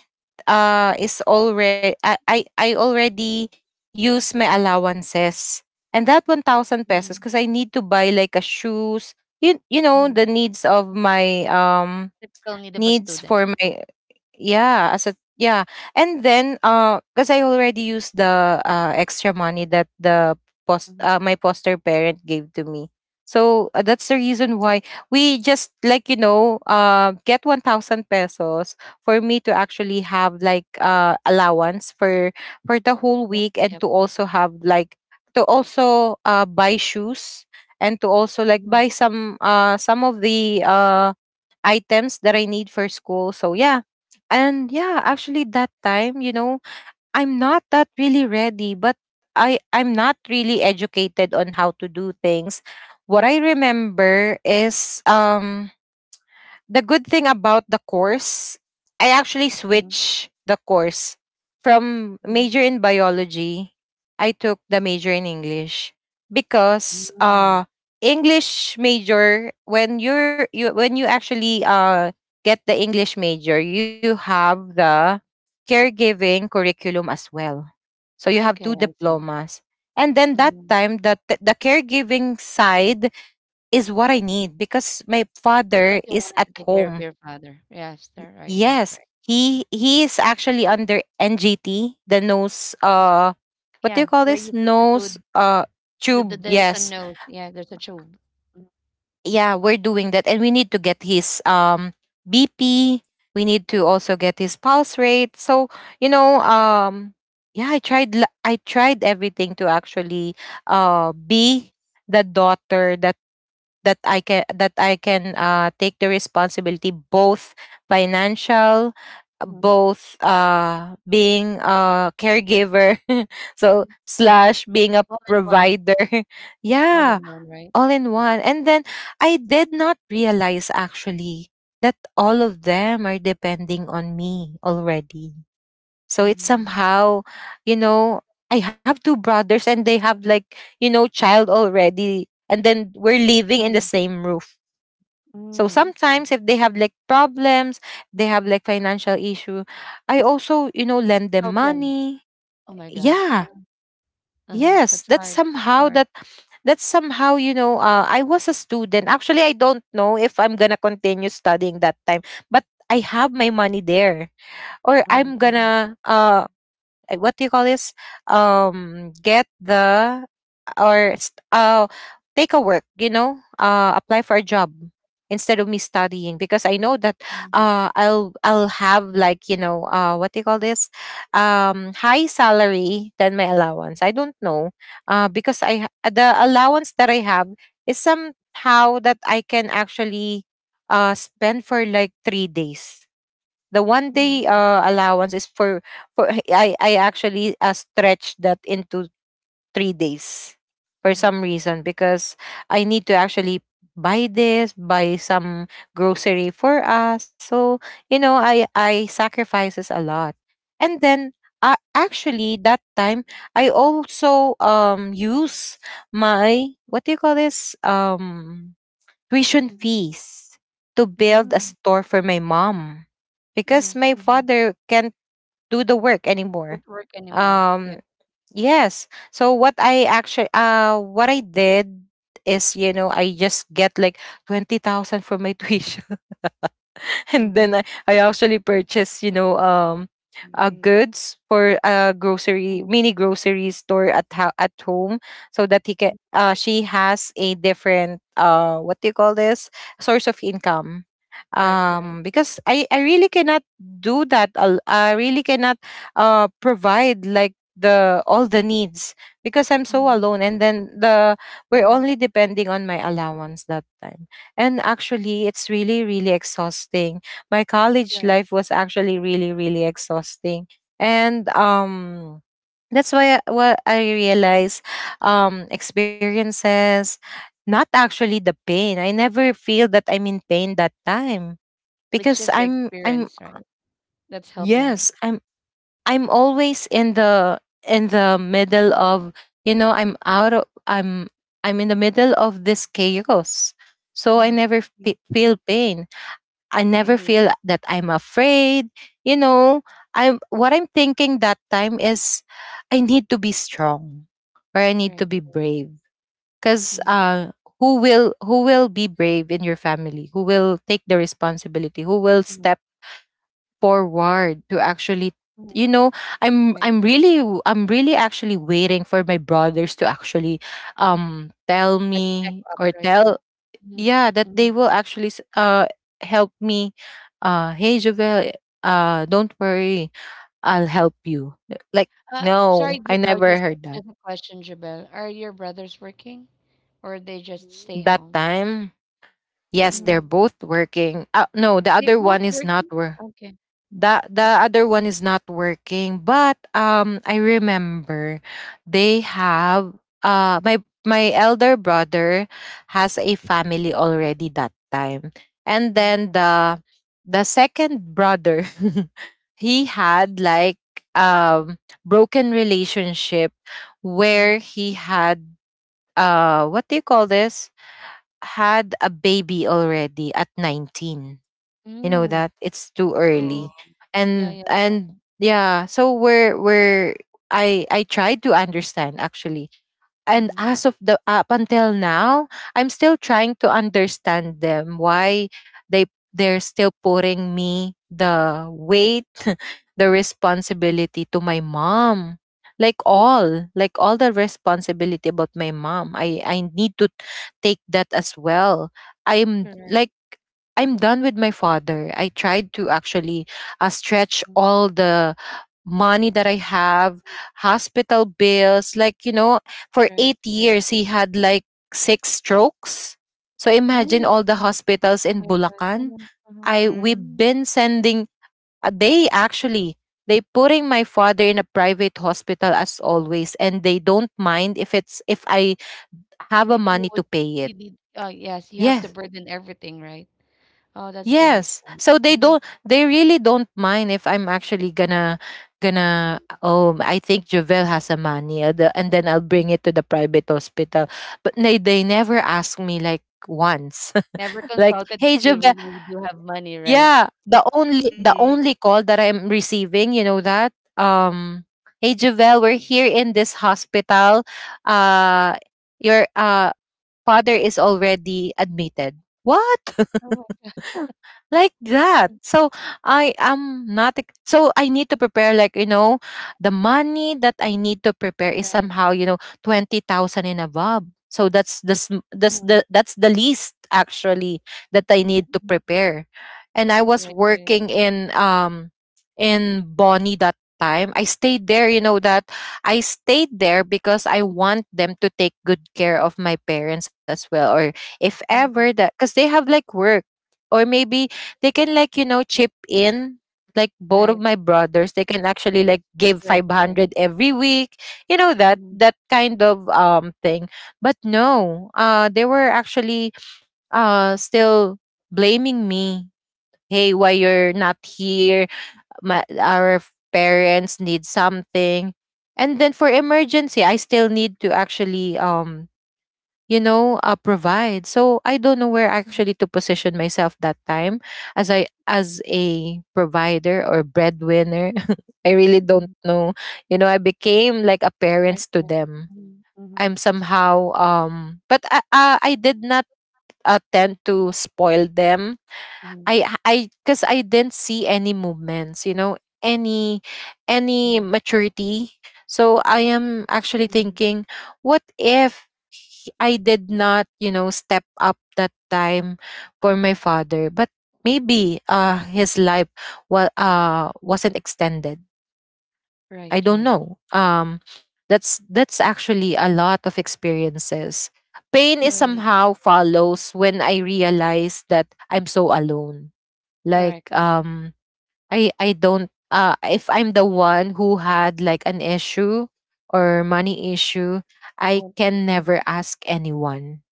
Speaker 2: uh is already, I, I I already use my allowances, and that one thousand pesos
Speaker 1: Mhm,
Speaker 2: because I need to buy like a shoes. You, you know,
Speaker 1: mhm.
Speaker 2: the needs of my um
Speaker 1: Typical need of a
Speaker 2: needs
Speaker 1: student.
Speaker 2: for my, yeah, as a, yeah. And then uh because I already used the uh extra money that the post
Speaker 1: Mhm.
Speaker 2: uh, my poster parent gave to me. So uh, that's the reason why we just, like, you know, uh get one thousand pesos for me to actually have like uh allowance for for the whole
Speaker 1: Yep,
Speaker 2: week, and
Speaker 1: yep.
Speaker 2: to
Speaker 1: Mhm.
Speaker 2: also have like, to also uh buy shoes, and to also like
Speaker 1: Mhm,
Speaker 2: buy some uh some of the uh, items that I need for school. So yeah. And yeah, actually that time, you know, I'm not that really ready, but I I'm not really educated on how to do things. What I remember is um the good thing about the course, I actually
Speaker 1: mhm,
Speaker 2: switched the course from
Speaker 1: mhm,
Speaker 2: major in biology. I took the major in English, because uh
Speaker 1: mhm.
Speaker 2: English major when you're, you when you actually uh get the English major, you have the caregiving curriculum as well. So you have two
Speaker 1: Okay, I see.
Speaker 2: diplomas. And then that
Speaker 1: Mhm.
Speaker 2: time the t- the caregiving side is what I need because my
Speaker 1: Because
Speaker 2: father
Speaker 1: you
Speaker 2: is
Speaker 1: wanted
Speaker 2: at
Speaker 1: to take care of
Speaker 2: home.
Speaker 1: your father. Yes, there, right, right,
Speaker 2: Yes,
Speaker 1: right.
Speaker 2: he he is actually under N G T, the nose, uh what do
Speaker 1: Yeah,
Speaker 2: you call
Speaker 1: where you
Speaker 2: this?
Speaker 1: put the
Speaker 2: Nose,
Speaker 1: food,
Speaker 2: uh
Speaker 1: the, the,
Speaker 2: tube.
Speaker 1: there's a
Speaker 2: Yes.
Speaker 1: nose. Yeah, there's a tube. Mhm,
Speaker 2: Yeah, we're doing that, and we need to get his um B P. We need to also get his pulse rate. So, you know, um yeah, I tried la- I tried everything to actually uh be the daughter that that I can that I can, uh, take the responsibility, both financial,
Speaker 1: mhm.
Speaker 2: both, uh, being a caregiver, so slash being a
Speaker 1: All in one,
Speaker 2: provider.
Speaker 1: all
Speaker 2: Yeah,
Speaker 1: in one, right?
Speaker 2: all in one. And then I did not realize actually that all of them are depending on me already. So it's
Speaker 1: Mhm.
Speaker 2: somehow, you know, I have two brothers and they have, like, you know, child already. And then we're living in the
Speaker 1: Mhm.
Speaker 2: same roof. So
Speaker 1: Mm, okay.
Speaker 2: sometimes if they have like problems, they have like financial issue, I also, you know, lend them
Speaker 1: Help them.
Speaker 2: money.
Speaker 1: Oh my God.
Speaker 2: Yeah.
Speaker 1: Uh-huh. Uh-huh.
Speaker 2: Yes,
Speaker 1: That's
Speaker 2: that's
Speaker 1: hard. That's
Speaker 2: somehow
Speaker 1: hard.
Speaker 2: that, that's somehow, you know, uh, I was a student. Actually, I don't know if I'm going to continue studying that time, but I have my money there, or
Speaker 1: Mhm,
Speaker 2: I'm going
Speaker 1: mhm,
Speaker 2: to uh uh, what do you call this? Um, get the, or st- uh, take a work. You know, uh, apply for a job instead of me studying, because I know that,
Speaker 3: Mhm.
Speaker 2: uh, I'll I'll have like, you know, uh, what do you call this? Um, high salary than my allowance. I don't know, uh, because I ha- uh, the allowance that I have is somehow that I can actually, uh, spend for like three days. The one
Speaker 1: mhm,
Speaker 2: day uh, allowance is for for I I actually, uh, stretched that into three days for
Speaker 1: mm,
Speaker 2: some reason, because I need to actually buy this, buy some grocery for us. So you know, I I sacrifices a lot. And then uh, actually that time I also um use my what do you call this um tuition
Speaker 1: mhm,
Speaker 2: fees to
Speaker 1: mhm,
Speaker 2: build a
Speaker 1: mm,
Speaker 2: store for my mom
Speaker 1: mhm,
Speaker 2: because my
Speaker 1: mhm.
Speaker 2: father can't do the work
Speaker 1: Don't
Speaker 2: anymore.
Speaker 1: work anymore. Yep.
Speaker 2: um yes, so what I actually uh what I did is, you know, I just get like twenty thousand for my tuition and then
Speaker 1: Mhm,
Speaker 2: I, I actually purchased, you know, um, uh,
Speaker 3: Mm.
Speaker 2: goods for a grocery
Speaker 1: mhm,
Speaker 2: mini grocery store at ho- at home, so that he can.
Speaker 1: mm.
Speaker 2: Uh, she has a different uh, what do you call this source of income.
Speaker 1: Right, right.
Speaker 2: Um, because I I really cannot do that. al- I really cannot uh provide like the all the needs because I'm so
Speaker 1: Mhm,
Speaker 2: alone, and then the we're
Speaker 1: mhm.
Speaker 2: only depending on my allowance that time. And actually, it's really, really exhausting. My college
Speaker 1: Right.
Speaker 2: life was actually really, really exhausting. And um, that's why I- what I realize, um, experiences, not actually the pain. I never feel that I'm in pain that time
Speaker 1: It's
Speaker 2: because
Speaker 1: just the
Speaker 2: I'm, I'm,
Speaker 1: experience, right? That's helping you.
Speaker 2: yes, I'm, I'm always in the, in the middle of, you know, I'm out of, I'm, I'm in the middle of this chaos. So I
Speaker 1: Mhm.
Speaker 2: never
Speaker 3: Mm.
Speaker 2: fe- feel pain. I never
Speaker 3: Mhm.
Speaker 2: feel that I'm afraid. You know, I'm what I'm thinking that time is I need to be strong or I need
Speaker 1: Right.
Speaker 2: to be brave cuz
Speaker 1: Mhm,
Speaker 2: uh who will who will be brave in your family? Who will take the responsibility? Who will
Speaker 1: mhm,
Speaker 2: step forward to actually,
Speaker 1: mhm.
Speaker 2: you know, I'm
Speaker 1: Right.
Speaker 2: I'm really w- I'm really actually waiting for my brothers to actually um tell
Speaker 1: Like step
Speaker 2: me
Speaker 1: up,
Speaker 2: or
Speaker 1: right? That.
Speaker 2: tell, yeah,
Speaker 1: Mm-hmm.
Speaker 2: that
Speaker 1: Mm-hmm.
Speaker 2: they will actually s- uh help me. Uh, hey Jovel, uh don't worry, I'll help you, like.
Speaker 1: Uh, sorry,
Speaker 2: No, I
Speaker 1: Jabel,
Speaker 2: never
Speaker 1: just
Speaker 2: heard that.
Speaker 1: just a question, Jabel. Are your brothers working or they just stay
Speaker 3: Mm.
Speaker 2: That
Speaker 1: home?
Speaker 2: time, yes,
Speaker 1: Mhm.
Speaker 2: they're
Speaker 3: Mhm.
Speaker 2: both working. Uh, no the
Speaker 1: They
Speaker 2: other
Speaker 1: both
Speaker 2: one is
Speaker 1: working?
Speaker 2: not work.
Speaker 1: Okay.
Speaker 2: the
Speaker 1: Okay,
Speaker 2: the
Speaker 1: okay.
Speaker 2: other one is not working, but um I remember they have uh my my elder brother has a family already that time, and
Speaker 1: Mhm.
Speaker 2: then the the second brother he had like, um broken relationship
Speaker 1: Mhm.
Speaker 2: where he had uh what do you call this, had a baby already at nineteen. You know
Speaker 1: Mm.
Speaker 2: that it's too
Speaker 1: Mhm.
Speaker 3: Oh.
Speaker 2: early.
Speaker 1: Yeah,
Speaker 2: and
Speaker 1: yeah.
Speaker 2: and yeah, so we're we're i i tried to understand actually, and
Speaker 1: Mhm.
Speaker 2: as of the up until now, I'm still trying to understand them. Why they they're still putting me the weight the responsibility to my mom, like all like all the responsibility about my mom, i i need to take that as well. I'm
Speaker 1: Correct.
Speaker 2: like, I'm done with my father. I tried to actually uh, stretch
Speaker 1: Mhm.
Speaker 2: all the money that I have, hospital bills. Like, you know, for
Speaker 1: Right,
Speaker 2: eight
Speaker 1: right.
Speaker 2: years, he had like six strokes. So imagine
Speaker 1: Mm.
Speaker 2: all the hospitals in
Speaker 1: My God.
Speaker 2: Bulacan.
Speaker 1: Uh-huh. Uh-huh.
Speaker 2: I We've
Speaker 1: Right.
Speaker 3: Mm.
Speaker 2: been sending. uh, They actually they putting my father in a private hospital as always, and they don't mind if it's if I have a
Speaker 1: If you
Speaker 2: money to
Speaker 1: would
Speaker 2: pay it.
Speaker 1: you need oh yes, you have to
Speaker 2: Yes.
Speaker 1: burden everything, right? Oh, that's pretty
Speaker 2: Yes.
Speaker 1: sad.
Speaker 2: So they don't,
Speaker 1: Mhm,
Speaker 2: they really don't mind if I'm actually gonna
Speaker 1: mhm,
Speaker 2: gonna, oh, I think Jovel has a mania the, and then I'll bring
Speaker 1: mhm.
Speaker 2: it to the private hospital. But they they never ask me like once.
Speaker 1: Never
Speaker 2: Like,
Speaker 1: consulted
Speaker 2: hey
Speaker 1: if you
Speaker 2: Jovel.
Speaker 3: Hmm.
Speaker 1: really do have
Speaker 3: Yeah.
Speaker 1: money, right?
Speaker 2: Yeah, the only the
Speaker 3: Mhm.
Speaker 2: only call that I'm receiving, you know that? Um hey Jovel, we're here in this hospital. Uh, your uh father is already admitted. What?
Speaker 1: Oh,
Speaker 2: Like that. So I am not ex- so I need to prepare, like, you know, the money that I need to prepare is somehow, you know, twenty thousand and above. So that's the sm- that's
Speaker 1: right.
Speaker 2: the that's the least actually that I
Speaker 1: Mhm,
Speaker 2: need to
Speaker 1: mhm.
Speaker 2: prepare. And I was
Speaker 1: Right, right.
Speaker 2: working in um in Bonnie that time. I stayed there, you know that I stayed there because I want them to take good care of my parents as well, or if
Speaker 1: Mhm.
Speaker 2: ever that, because they have like work, or maybe they can like, you know, chip in. Like, both
Speaker 1: Right.
Speaker 2: of my brothers, they can actually
Speaker 1: Yes.
Speaker 2: like give
Speaker 1: Correct, correct.
Speaker 2: five hundred every week, you know, that
Speaker 1: Mhm.
Speaker 2: that kind of um thing. But no, uh they were actually uh still blaming me, hey, why you're not here, my our f- parents need something, and then for emergency I still need to actually um you know, uh, provide. So I don't know where
Speaker 1: Mhm,
Speaker 2: actually to position myself that time, as I as a provider or breadwinner. I
Speaker 1: mhm,
Speaker 2: really
Speaker 1: mhm.
Speaker 2: don't know. You know, I became like a
Speaker 1: Right,
Speaker 2: parents to
Speaker 1: right.
Speaker 2: them.
Speaker 1: Mhm, mhm.
Speaker 2: I'm
Speaker 1: That's
Speaker 2: somehow um but I, uh, I did not uh, tend to spoil them.
Speaker 1: right. Mhm,
Speaker 2: I I because I didn't see any movements, you know, any any
Speaker 1: mhm,
Speaker 2: maturity. So I am actually
Speaker 1: mhm.
Speaker 2: thinking, what if he- I did not, you know, step up that time for my father? But maybe uh his life was uh wasn't extended. I
Speaker 1: Right,
Speaker 2: don't
Speaker 1: right.
Speaker 2: know. Um that's that's actually a lot of experiences. Pain is
Speaker 1: Correct,
Speaker 3: Mm.
Speaker 2: somehow follows when I realize that I'm so alone, like
Speaker 1: correct.
Speaker 2: um i i don't uh if I'm the one who had like an issue or money issue,
Speaker 1: They
Speaker 2: I
Speaker 1: won't help
Speaker 2: can
Speaker 1: you.
Speaker 2: never ask anyone.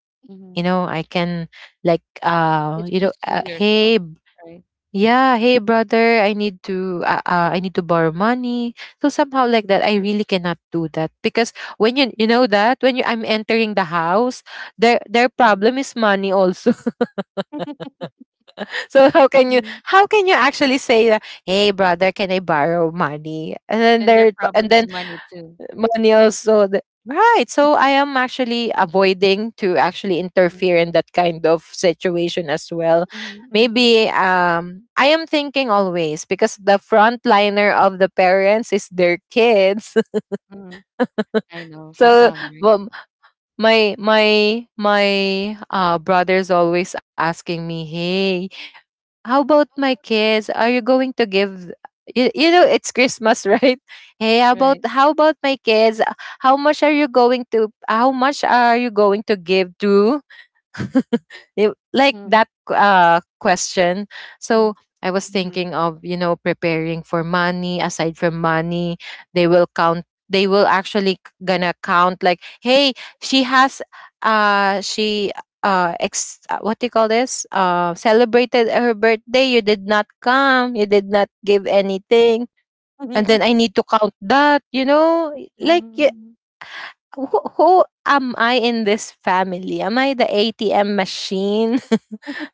Speaker 2: You
Speaker 1: Mhm.
Speaker 2: know, I can like, uh
Speaker 1: It's
Speaker 2: you know
Speaker 1: just you
Speaker 2: uh,
Speaker 1: yourself,
Speaker 2: hey b-
Speaker 1: right?
Speaker 2: yeah, hey brother, I need to uh, uh, I need to borrow money. So somehow like that,
Speaker 1: Mhm,
Speaker 2: I really cannot do that because when you you know that when you I'm entering the house, their their
Speaker 1: mhm,
Speaker 2: problem is money also. So how can you,
Speaker 1: mhm.
Speaker 2: how can you actually say that, hey brother, can I borrow money? And then
Speaker 1: And their
Speaker 2: there, and
Speaker 1: problem is
Speaker 2: then
Speaker 1: money too.
Speaker 2: money also the, right. So
Speaker 1: Mhm,
Speaker 2: I am actually avoiding to actually interfere in that kind of situation as well.
Speaker 1: mhm, mhm,
Speaker 2: Maybe um I am thinking always, because the frontliner of the parents is their kids.
Speaker 1: mhm. I know for
Speaker 2: So,
Speaker 1: some, right?
Speaker 2: well, my my my uh brother's always asking me, hey, how about my kids? Are you going to give you, you know it's Christmas, right? Hey, how about
Speaker 1: Right.
Speaker 2: how about my kids? How much are you going to how much are you going to give to they, like
Speaker 1: Mhm,
Speaker 2: that uh, question. So
Speaker 1: mhm.
Speaker 2: I was
Speaker 3: Mhm.
Speaker 2: thinking of, you know, preparing for money. Aside from money, they will count. They will actually c- gonna count, like, hey, she has, uh, she, uh, ex, uh, what do you call this? Uh, celebrated her birthday. You did not come. You did not give anything. And
Speaker 1: Mhm,
Speaker 2: then I need to count that, you know, like y-
Speaker 1: mhm.
Speaker 2: who, who am I in this family? Am I the A T M machine?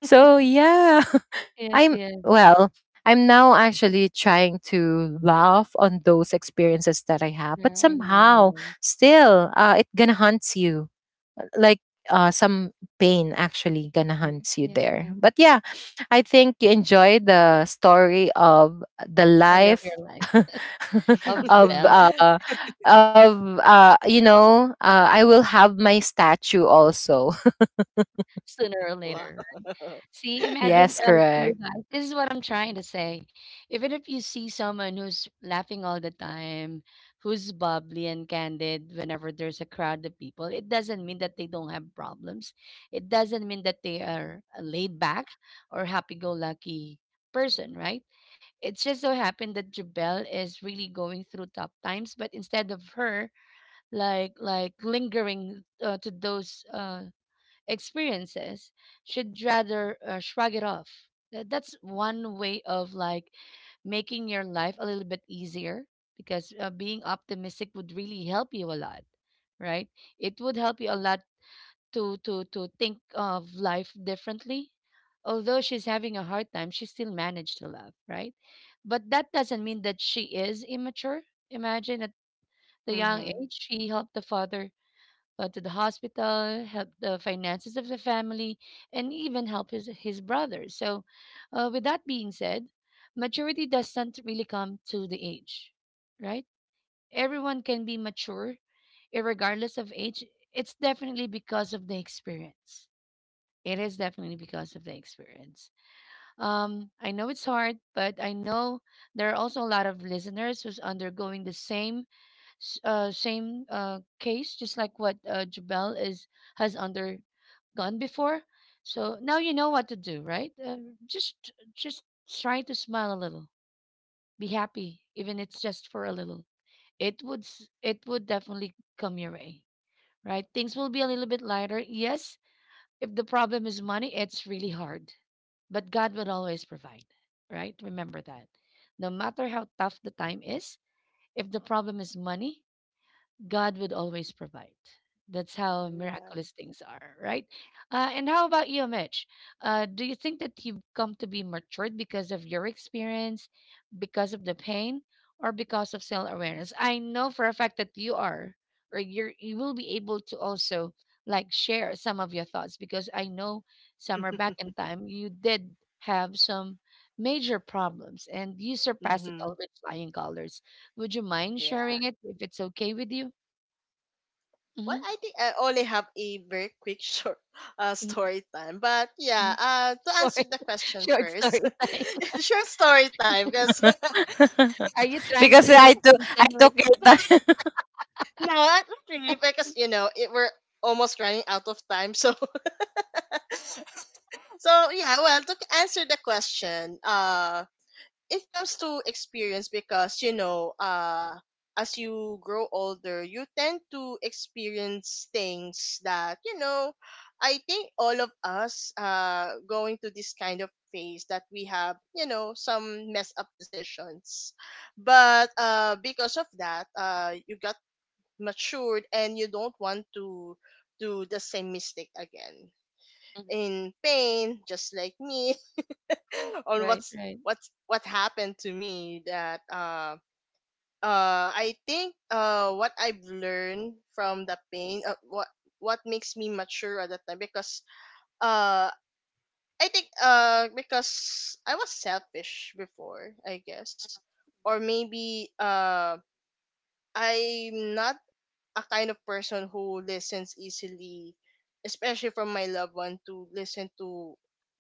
Speaker 2: So yeah,
Speaker 1: Yes,
Speaker 2: I'm,
Speaker 1: yes.
Speaker 2: well, I'm now actually trying to laugh on those experiences that I have, but
Speaker 1: Yeah, I know, I
Speaker 2: somehow
Speaker 1: know.
Speaker 2: still uh it gonna haunts you. Like uh some pain actually gonna
Speaker 1: Mhm.
Speaker 2: haunts you
Speaker 1: Yeah,
Speaker 2: there.
Speaker 1: yeah.
Speaker 2: But yeah, I think you enjoy the story of the
Speaker 1: Story of your
Speaker 2: life
Speaker 1: life, of
Speaker 2: of
Speaker 1: Jabel,
Speaker 2: uh of uh you know, uh I will have my statue also.
Speaker 1: sooner
Speaker 3: Oh,
Speaker 1: or
Speaker 3: wow.
Speaker 1: later. See, imagine
Speaker 2: Yes,
Speaker 1: uh, you
Speaker 2: correct.
Speaker 1: guys. This is what I'm trying to say. Even if you see someone who's laughing all the time, who's bubbly and candid whenever there's a crowd of people, it doesn't mean that they don't have problems. It doesn't mean that they are a laid back or happy go lucky person, right? It just so happened that Jabel is really going through tough times, but instead of her, like like lingering uh, to those uh, experiences should rather uh, shrug it off. That- that's one way of like making your life a little bit easier because uh, being optimistic would really help you a lot, right? It would help you a lot to to to think of life differently. Although she's having a hard time, she still managed to love, right? But that doesn't mean that she is immature. Imagine at the young
Speaker 3: Mhm.
Speaker 1: age she helped the father, uh, to the hospital, help the finances of the family, and even help his, his brothers. So, uh, with that being said, maturity doesn't really come to the age, right? Everyone can be mature, regardless of age. It's definitely because of the experience. It is definitely because of the experience. Um, I know it's hard, but I know there are also a lot of listeners who's undergoing the same s- uh, same uh, case, just like what uh, Jabel is has undergone before. So now you know what to do, right? Um, just just try to smile a little, be happy, even it's just for a little. It would s- it would definitely come your way, right? Things will be a little bit lighter. Yes, if the problem is money, it's really hard, but God will always provide, right? Remember that. No matter how tough the time is, if the problem is money, God would always provide. That's how
Speaker 3: Yeah.
Speaker 1: miraculous things are, right? Uh, and how about you, Mitch? Uh, do you think that you've come to be matured because of your experience, because of the pain, or because of self awareness? I know for a fact that you are, or you're, you will be able to also like share some of your thoughts because I know somewhere back in time you did have some major problems and you surpassed it all
Speaker 3: Mhm.
Speaker 1: with flying colors. Would you mind
Speaker 3: Yeah.
Speaker 1: sharing it if it's okay with you?
Speaker 3: Well,
Speaker 1: Mhm,
Speaker 3: I think I only have a very quick short uh,
Speaker 1: mm,
Speaker 3: story time. But yeah,
Speaker 1: mm,
Speaker 3: uh, to
Speaker 1: short
Speaker 3: answer the question
Speaker 1: short
Speaker 3: first,
Speaker 1: story time.
Speaker 3: short story time, because it
Speaker 1: Are you trying
Speaker 2: Because
Speaker 1: to
Speaker 2: I took I
Speaker 1: insinuate
Speaker 2: took it.
Speaker 3: was no, not really, because you know it, we're almost running out of time. So, so yeah. Well, to answer the question, uh, it comes to experience, because, you know, uh, as you grow older, you tend to experience things that you know. I think all of us, uh, going to this kind of phase that we have, you know, some mess up decisions, but, uh, because of that, uh, you got matured and you don't want to do the same mistake again,
Speaker 1: Mhm,
Speaker 3: in pain just like me. On
Speaker 1: right,
Speaker 3: what's
Speaker 1: right,
Speaker 3: what's what happened to me, that uh uh I think, uh what I've learned from the pain, uh, what what makes me mature at that time, because uh I think, uh because I was selfish before, I guess, or maybe uh I'm not a kind of person who listens easily, especially from my loved one, to listen to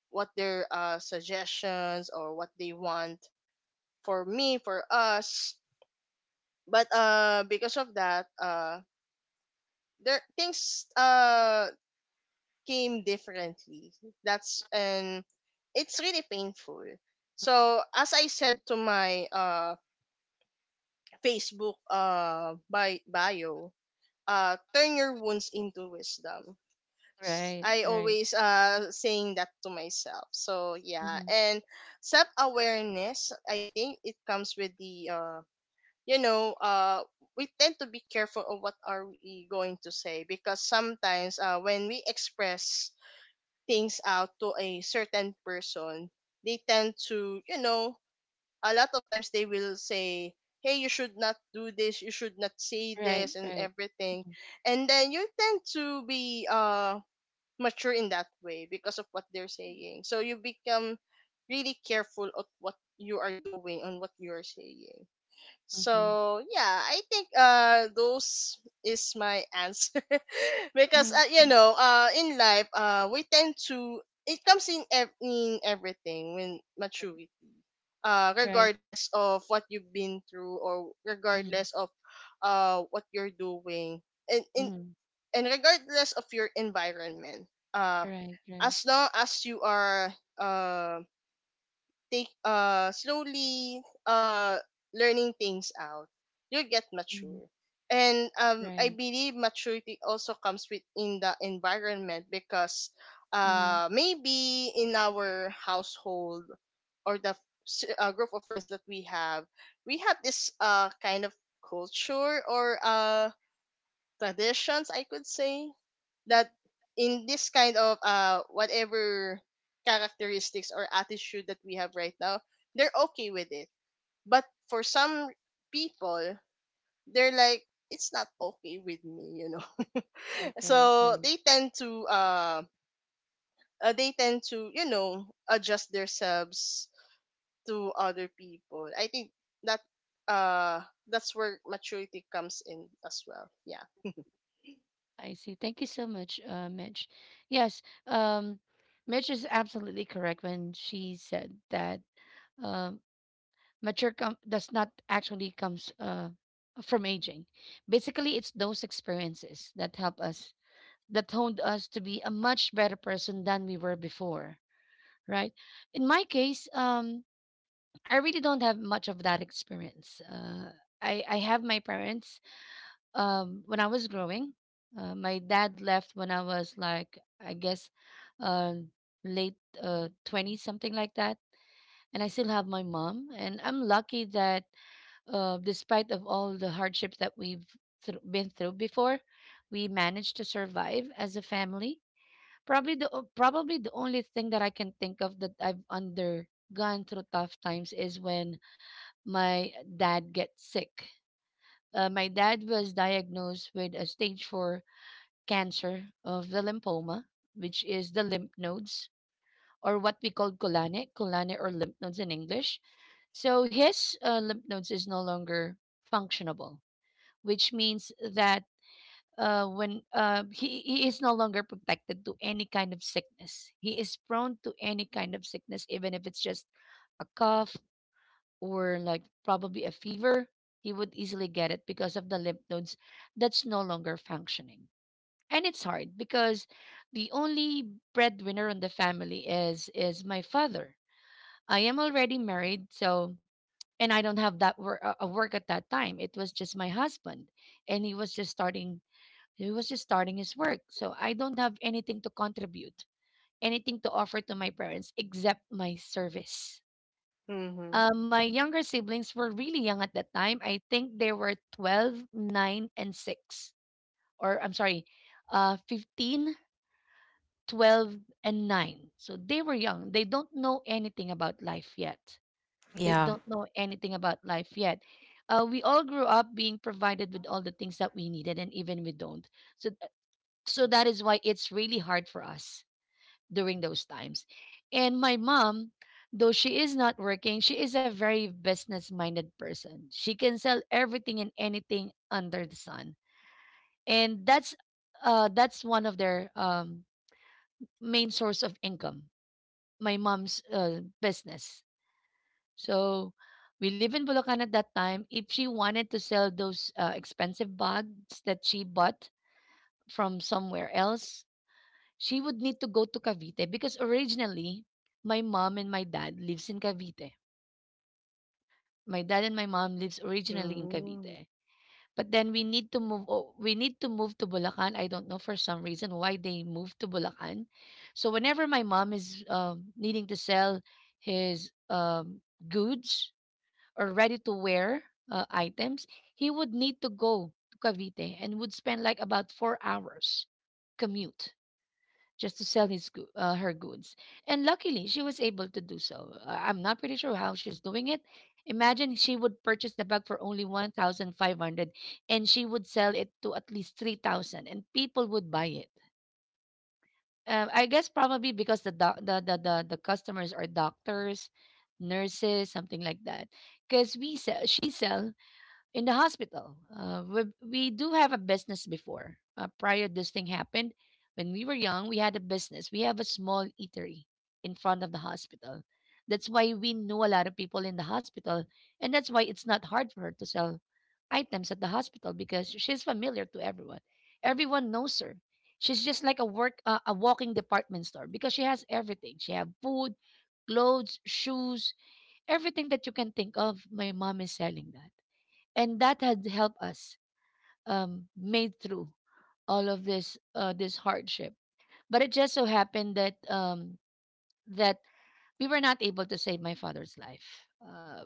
Speaker 3: what their, uh, suggestions or what they want for me, for us. But uh, because of that, uh, there things uh came differently. That's, and it's really painful. So, as I said to my uh Facebook, uh by bio, uh turn your wounds into wisdom. s-
Speaker 1: right,
Speaker 3: I
Speaker 1: right,
Speaker 3: always uh saying that to myself. So yeah,
Speaker 1: mhm,
Speaker 3: and self awareness, I think, it comes with the, uh you know, uh we tend to be careful of what are we going to say, because sometimes, uh when we express things out to a certain person, they tend to, you know, a lot of times they will say, hey, you should not do this, you should not say
Speaker 1: right,
Speaker 3: this, and
Speaker 1: right,
Speaker 3: everything,
Speaker 1: mhm,
Speaker 3: and then you tend to be uh mature in that way because of what they're saying. So you become really careful of what you are doing and what you're saying.
Speaker 1: mhm,
Speaker 3: So yeah, I think uh those is my answer. Because,
Speaker 1: mhm,
Speaker 3: uh, you
Speaker 1: mhm,
Speaker 3: know, uh in life, uh we tend to, it comes in ev- in everything when maturity, uh
Speaker 1: right,
Speaker 3: regardless of what you've been through, or
Speaker 1: mhm,
Speaker 3: regardless of uh what you're doing, and in,
Speaker 1: mhm,
Speaker 3: and regardless of your environment, uh
Speaker 1: right, right,
Speaker 3: as long as you are, uh take, uh slowly, uh learning things out, you'll get
Speaker 1: mhm,
Speaker 3: mature. And um I
Speaker 1: right,
Speaker 3: believe maturity also comes with in the environment, because
Speaker 1: mhm,
Speaker 3: uh maybe in our household, or the s- uh, group of friends that we have, we have this uh kind of culture, or uh traditions, I could say, that in this kind of uh whatever characteristics or attitude that we have right now, they're okay with it. But for some people, they're like, it's not okay with me, you know.
Speaker 1: right, right,
Speaker 3: So
Speaker 1: right.
Speaker 3: they tend to, uh, uh they tend to, you know, adjust themselves to other people. I think that, uh that's where maturity comes in as well. Yeah.
Speaker 1: I see. Thank you so much, uh, Mitch. Yes, um, Mitch is absolutely correct when she said that. um mature com- does not actually comes uh, from aging. Basically, it's those experiences that help us that honed us to be a much better person than we were before, right? In my case, um, I really don't have much of that experience. Uh, I I have my parents um, when I was growing. Uh, my dad left when I was, like, I guess, uh, late, uh, twenty something like that, and I still have my mom, and I'm lucky that, uh, despite of all the hardships that we've thro been through before, we managed to survive as a family. Probably the o- probably the only thing that I can think of that I've undergone through tough times is when my dad gets sick. Uh, my dad was diagnosed with a stage four cancer of the lymphoma, which is the lymph nodes, or what we call colane, colane or lymph nodes in English. So his, uh, lymph nodes is no longer functionable, which means that, uh, when, uh, he, he is no longer protected to any kind of sickness. He is prone to any kind of sickness, even if it's just a cough or like probably a fever. He would easily get it because of the lymph nodes that's no longer functioning. And it's hard because the only breadwinner in the family is is my father. I am already married, so, and I don't have that work, a work at that time. It was just my husband, and he was just starting he was just starting his work. So I don't have anything to contribute, anything to offer to my parents except my service.
Speaker 3: Mhm.
Speaker 1: Uh, my younger siblings were really young at that time. I think they were twelve, nine, and six. Or I'm sorry, uh, fifteen, twelve, and nine. So they were young. They don't know anything about life yet. They
Speaker 2: Yeah.
Speaker 1: don't know anything about life yet. Uh, we all grew up being provided with all the things that we needed and even we don't. So So that is why it's really hard for us during those times. And my mom, though she is not working, she is a very business minded person. She can sell everything and anything under the sun. And that's uh that's one of their, um main source of income. My mom's, uh, business. So we live in Bulacan at that time. If she wanted to sell those, uh, expensive bags that she bought from somewhere else, she would need to go to Cavite because originally my mom and my dad lives in Cavite. My dad and my mom lives originally in
Speaker 3: Mm.
Speaker 1: Cavite. But then we need to move o- we need to move to Bulacan. I don't know for some reason why they moved to Bulacan. So whenever my mom is, um, needing to sell his, um, goods, or ready to wear, uh, items, he would need to go to Cavite and would spend like about four hours commute just to sell his goo- uh, her goods. And luckily, she was able to do so. Uh, I'm not pretty sure how she's doing it. Imagine she would purchase the bag for only one thousand five hundred and she would sell it to at least three thousand, and people would buy it. Uh, I guess probably because the, doc- the, the, the, the customers are doctors, nurses, something like that. Because we sell, she sell in the hospital. Uh, we, we do have a business before. Uh, prior this thing happened, when we were young, we had a business. We have a small eatery in front of the hospital. That's why we know a lot of people in the hospital, and that's why it's not hard for her to sell items at the hospital because she's familiar to everyone. Everyone knows her. She's just like a work uh, a walking department store because she has everything. She have food, clothes, shoes, everything that you can think of. My mom is selling that, and that had helped us, um, made through all of this, uh, this hardship. But it just so happened that um, that we were not able to save my father's life. Uh,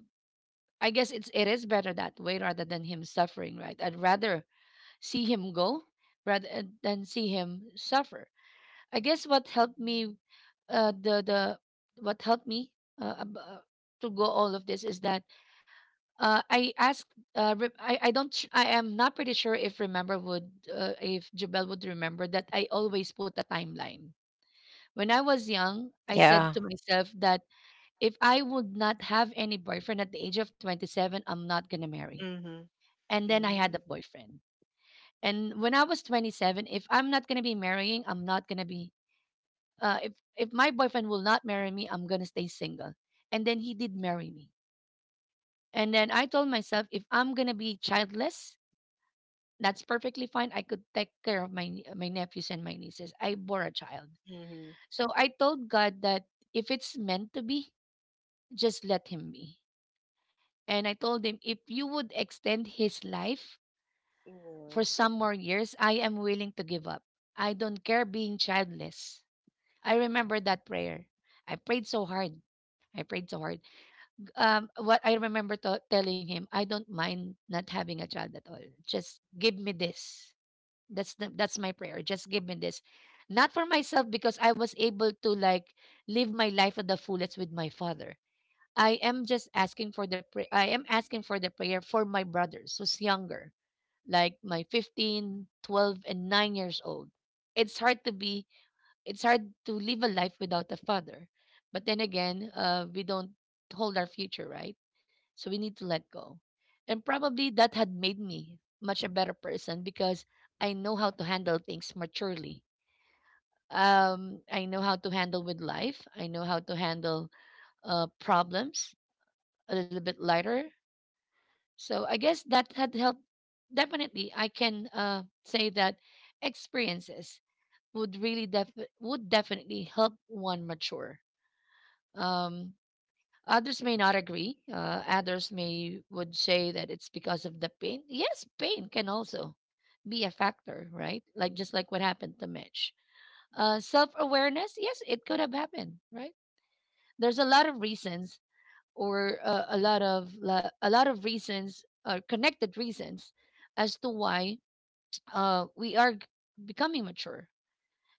Speaker 1: I guess it's it is better that way rather than him suffering, right? I'd rather see him go rather, uh, than see him suffer. I guess what helped me, uh, the the what helped me, uh, ab- uh, to go all of this is that. Uh, I asked. Uh, re- I I don't. sh- I am not pretty sure if remember would uh, if Jubel would remember that I always put a timeline. When I was young, I said to
Speaker 2: Yeah.
Speaker 1: myself that if I would not have any boyfriend at the age of twenty seven, I'm not gonna marry.
Speaker 3: Mhm.
Speaker 1: And then I had
Speaker 3: Mm.
Speaker 1: a boyfriend. And when I was twenty seven, if I'm not gonna be marrying, I'm not gonna be. Uh, if if my boyfriend will not marry me, I'm gonna stay single. And then he did marry me. And then I told myself, if I'm gonna be childless, that's perfectly fine. I could take care of my nie- my nephews and my nieces. I bore a child.
Speaker 3: Mhm.
Speaker 1: So I told God that if it's meant to be, just let him be. And I told him if you would extend his life
Speaker 3: Yeah.
Speaker 1: for some more years, I am willing to give up. I don't care being childless. I remember that prayer. I prayed so hard. I prayed so hard. Um, what I remember to telling him, I don't mind not having a child at all. Just give me this. That's the, that's my prayer. Just give me this. Not for myself because I was able to like live my life at the fullest with my father. I am just asking for the pray. I am asking for the prayer for my brothers who's younger, like my fifteen, twelve, and nine years old. It's hard to be it's hard to live a life without a father. But then again, uh, we don't hold our future, right? So we need to let go. And probably that had made me much a better person because I know how to handle things maturely. Um, I know how to handle with life. I know how to handle, uh, problems a little bit lighter. So I guess that had helped. Definitely, I can, uh, say that experiences would really def- would definitely help one mature. Um, Others may not agree. Uh, others may would say that it's because of the pain. Yes, pain can also be a factor, right? Like just like what happened to Mitch. Uh, Self awareness, yes, it could have happened, right? There's a lot of reasons, or, uh, a lot of lo- a lot of reasons, or connected reasons, as to why, uh, we are g- becoming mature.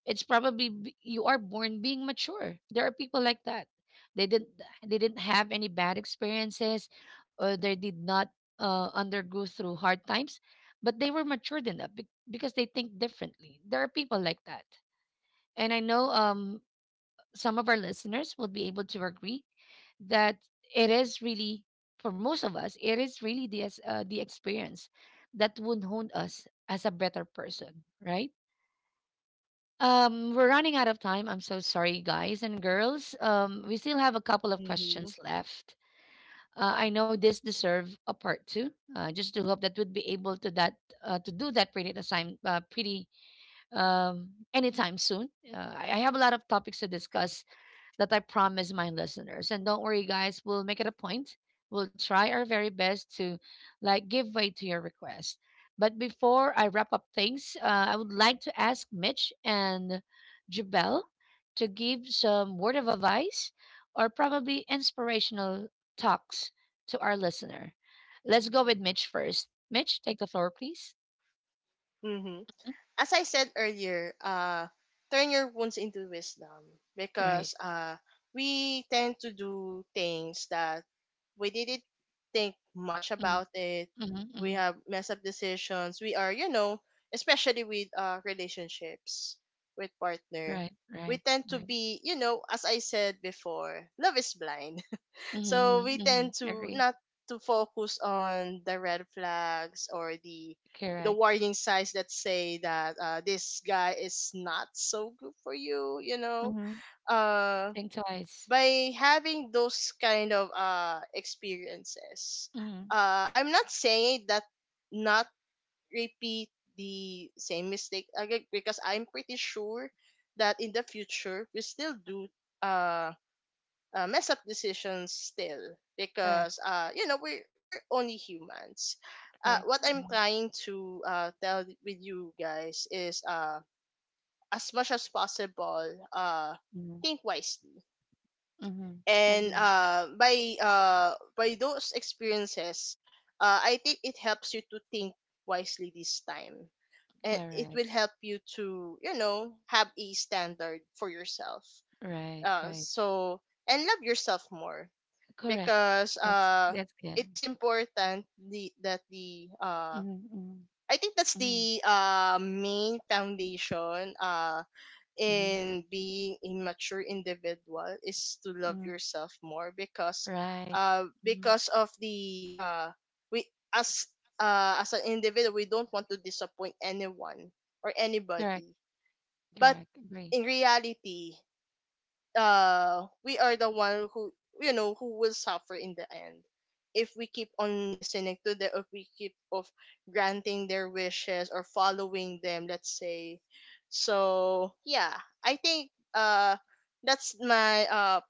Speaker 1: it's probably b- You are born being mature. There are people like that. They didn't they didn't have any bad experiences, or they did not, uh, undergo through hard times, but they were matured enough, be- because they think differently. There are people like that, and I know, um some of our listeners will be able to agree that it is really, for most of us, it is really the ex- uh, the experience that would hone us as a better person, right? Um, we're running out of time. I'm so sorry, guys and girls. Um, we still have a couple of
Speaker 3: Mhm.
Speaker 1: questions left. Uh, I know this deserve a part two. Uh, just to hope that we'd be able to that uh, to do that pretty time uh, pretty, um, anytime soon. Uh, I I have a lot of topics to discuss that I promise my listeners. And don't worry, guys, we'll make it a point. We'll try our very best to like give way to your request. But before I wrap up things, uh, I would like to ask Mitch and Jubel to give some word of advice or probably inspirational talks to our listener. Let's go with Mitch first. Mitch, take the floor, please.
Speaker 3: Mhm. As I said earlier, uh, turn your wounds into wisdom, because
Speaker 1: Right.
Speaker 3: uh, we tend to do things that we didn't think much about it.
Speaker 1: Mm-hmm.
Speaker 3: We
Speaker 1: Hmm.
Speaker 3: have messed up decisions. We are, you know, especially with uh relationships with partner.
Speaker 1: Right,
Speaker 3: We
Speaker 1: right,
Speaker 3: tend to
Speaker 1: right.
Speaker 3: be, you know, as I said before, love is blind. So we
Speaker 1: Mm-hmm,
Speaker 3: tend
Speaker 1: mm-hmm.
Speaker 3: to
Speaker 1: Agree.
Speaker 3: not to focus on the red flags, or the the
Speaker 1: Correct.
Speaker 3: warning signs that say that, uh, this guy is not so good for you, you know. Uh
Speaker 1: Think twice.
Speaker 3: by having those kind of uh experiences,
Speaker 1: Mm,
Speaker 3: uh I'm not saying that not repeat the same mistake again, because I'm pretty sure that in the future we still do, uh, uh mess up decisions still,
Speaker 1: correct,
Speaker 3: because, uh you know, we're we're only humans. Uh
Speaker 1: correct.
Speaker 3: what I'm
Speaker 1: Mm-hmm,
Speaker 3: trying to uh tell with you guys is, uh as much as possible, uh think wisely.
Speaker 1: mm-hmm,
Speaker 3: And,
Speaker 1: agree.
Speaker 3: uh, by, uh, by those experiences, uh, I think it helps you to think wisely this time, and it will
Speaker 1: Correct.
Speaker 3: help you to, you know, have a standard for yourself.
Speaker 1: Right,
Speaker 3: Uh,
Speaker 1: right.
Speaker 3: so, and love yourself more,
Speaker 1: Correct.
Speaker 3: because,
Speaker 1: That's
Speaker 3: uh,
Speaker 1: that's good.
Speaker 3: it is important the, that the, uh,
Speaker 1: Mm-hmm, mm-hmm,
Speaker 3: I think that's the, uh, main foundation, uh,
Speaker 1: mm-hmm,
Speaker 3: in being a mature individual, is to love
Speaker 1: mm-hmm.
Speaker 3: yourself more, because
Speaker 1: Right.
Speaker 3: uh
Speaker 1: Mm-hmm.
Speaker 3: because of the, uh we, as, uh as an individual, we don't want to disappoint anyone or
Speaker 1: Correct,
Speaker 3: anybody, but
Speaker 1: correct. Agree.
Speaker 3: in reality, uh we are the one who, you know, who will suffer in the end, if we keep on listening to the, if we keep of granting their wishes or following them, let's say. So yeah, I think, uh that's my, uh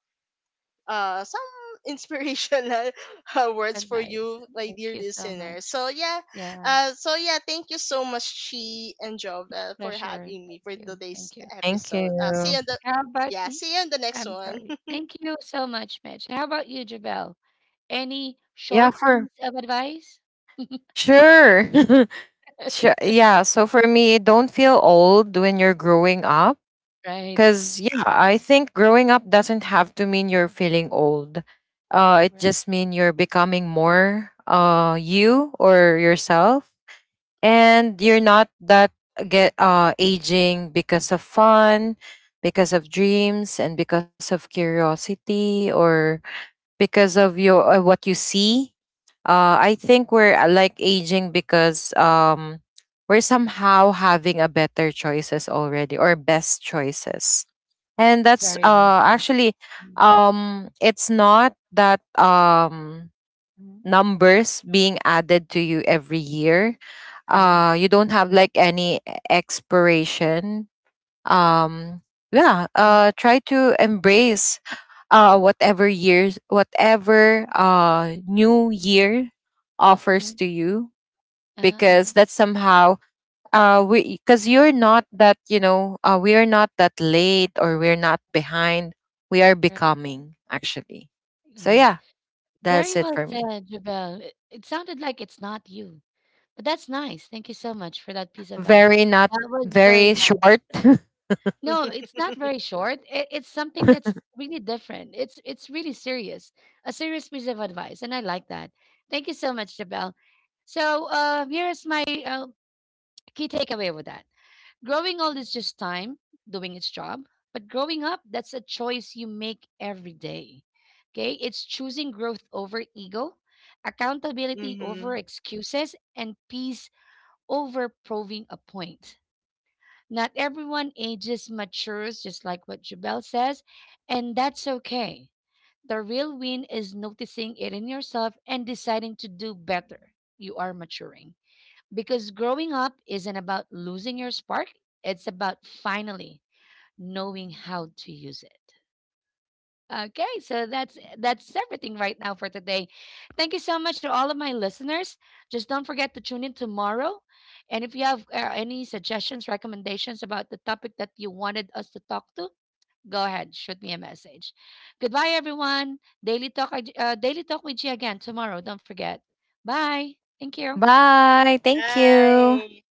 Speaker 3: uh some inspirational uh, words for
Speaker 1: Advice.
Speaker 3: you, my
Speaker 1: Thank
Speaker 3: dear
Speaker 1: you so
Speaker 3: listener.
Speaker 1: much.
Speaker 3: So yeah,
Speaker 1: Yeah,
Speaker 3: uh so yeah, thank you so much Chi and Jovel for
Speaker 1: pleasure.
Speaker 3: having me
Speaker 1: Thank
Speaker 3: for
Speaker 1: you.
Speaker 3: today's
Speaker 1: Thank you.
Speaker 2: Thank
Speaker 3: episode. Uh see
Speaker 2: you.
Speaker 3: you on the,
Speaker 1: How about,
Speaker 3: yeah,
Speaker 1: mm,
Speaker 3: see you on the next
Speaker 1: I'm
Speaker 3: one.
Speaker 1: sorry. Thank you so much, Mitch. How about you, Jabel? Any
Speaker 2: Yeah,
Speaker 1: short
Speaker 2: for
Speaker 1: piece of advice?
Speaker 2: sure. Sure. Yeah. So for me, don't feel old when you're growing up.
Speaker 1: Right.
Speaker 2: Cause yeah, I think growing up doesn't have to mean you're feeling old. Uh, it
Speaker 1: Right.
Speaker 2: just mean you're becoming more uh you or yourself. And you're not that uh, get uh aging because of fun, because of dreams, and because of curiosity, or because of your uh, what you see. Uh i think we're uh, like aging because um we're somehow having a better choices already, or best choices. And that's
Speaker 1: Very well
Speaker 2: uh
Speaker 1: said.
Speaker 2: actually,
Speaker 1: Mm.
Speaker 2: um it's not that um
Speaker 1: Hmm.
Speaker 2: numbers being added to you every year.
Speaker 1: Right.
Speaker 2: Uh, you don't have like any expiration. Um, yeah,
Speaker 1: Mhm,
Speaker 2: uh, try to embrace uh, whatever years, whatever uh, new year
Speaker 1: uh
Speaker 2: offers to you,
Speaker 1: uh-huh, uh-huh.
Speaker 2: because that's somehow uh we because you're not that, you know uh, we are not that late, or we're not behind, we are
Speaker 1: Right.
Speaker 2: becoming actually. So
Speaker 1: Right.
Speaker 2: yeah, that's
Speaker 1: Very
Speaker 2: it
Speaker 1: well
Speaker 2: for me.
Speaker 1: said, Jabel. It, it sounded like it's not you, but that's nice. Thank you so much for that piece of advice.
Speaker 2: Very not
Speaker 1: That was very
Speaker 2: very
Speaker 1: nice.
Speaker 2: short.
Speaker 1: No, it's not very short. It, it's something that's really different. It's it's really serious, a serious piece of advice, and I like that. Thank you so much, Jabel. So, uh, here's my, uh, key takeaway with that. Growing old is just time doing its job, but growing up, that's a choice you make every day. Okay? It's choosing growth over ego, accountability
Speaker 3: Mm-hmm.
Speaker 1: over excuses, and peace over proving a point. Not everyone ages matures, just like what Jubel says, and that's okay. The real win is noticing it in yourself and deciding to do better. You are maturing. Because growing up isn't about losing your spark, it's about finally knowing how to use it. Okay, so that's that's everything right now for today. Thank you so much to all of my listeners. Just don't forget to tune in tomorrow. And if you have, uh, any suggestions, recommendations about the topic that you wanted us to talk to, go ahead, shoot me a message. Goodbye, everyone. Daily Talk, uh, Daily Talk with G again tomorrow. Don't forget. Bye. Thank you.
Speaker 2: Bye. Thank you.
Speaker 3: Bye.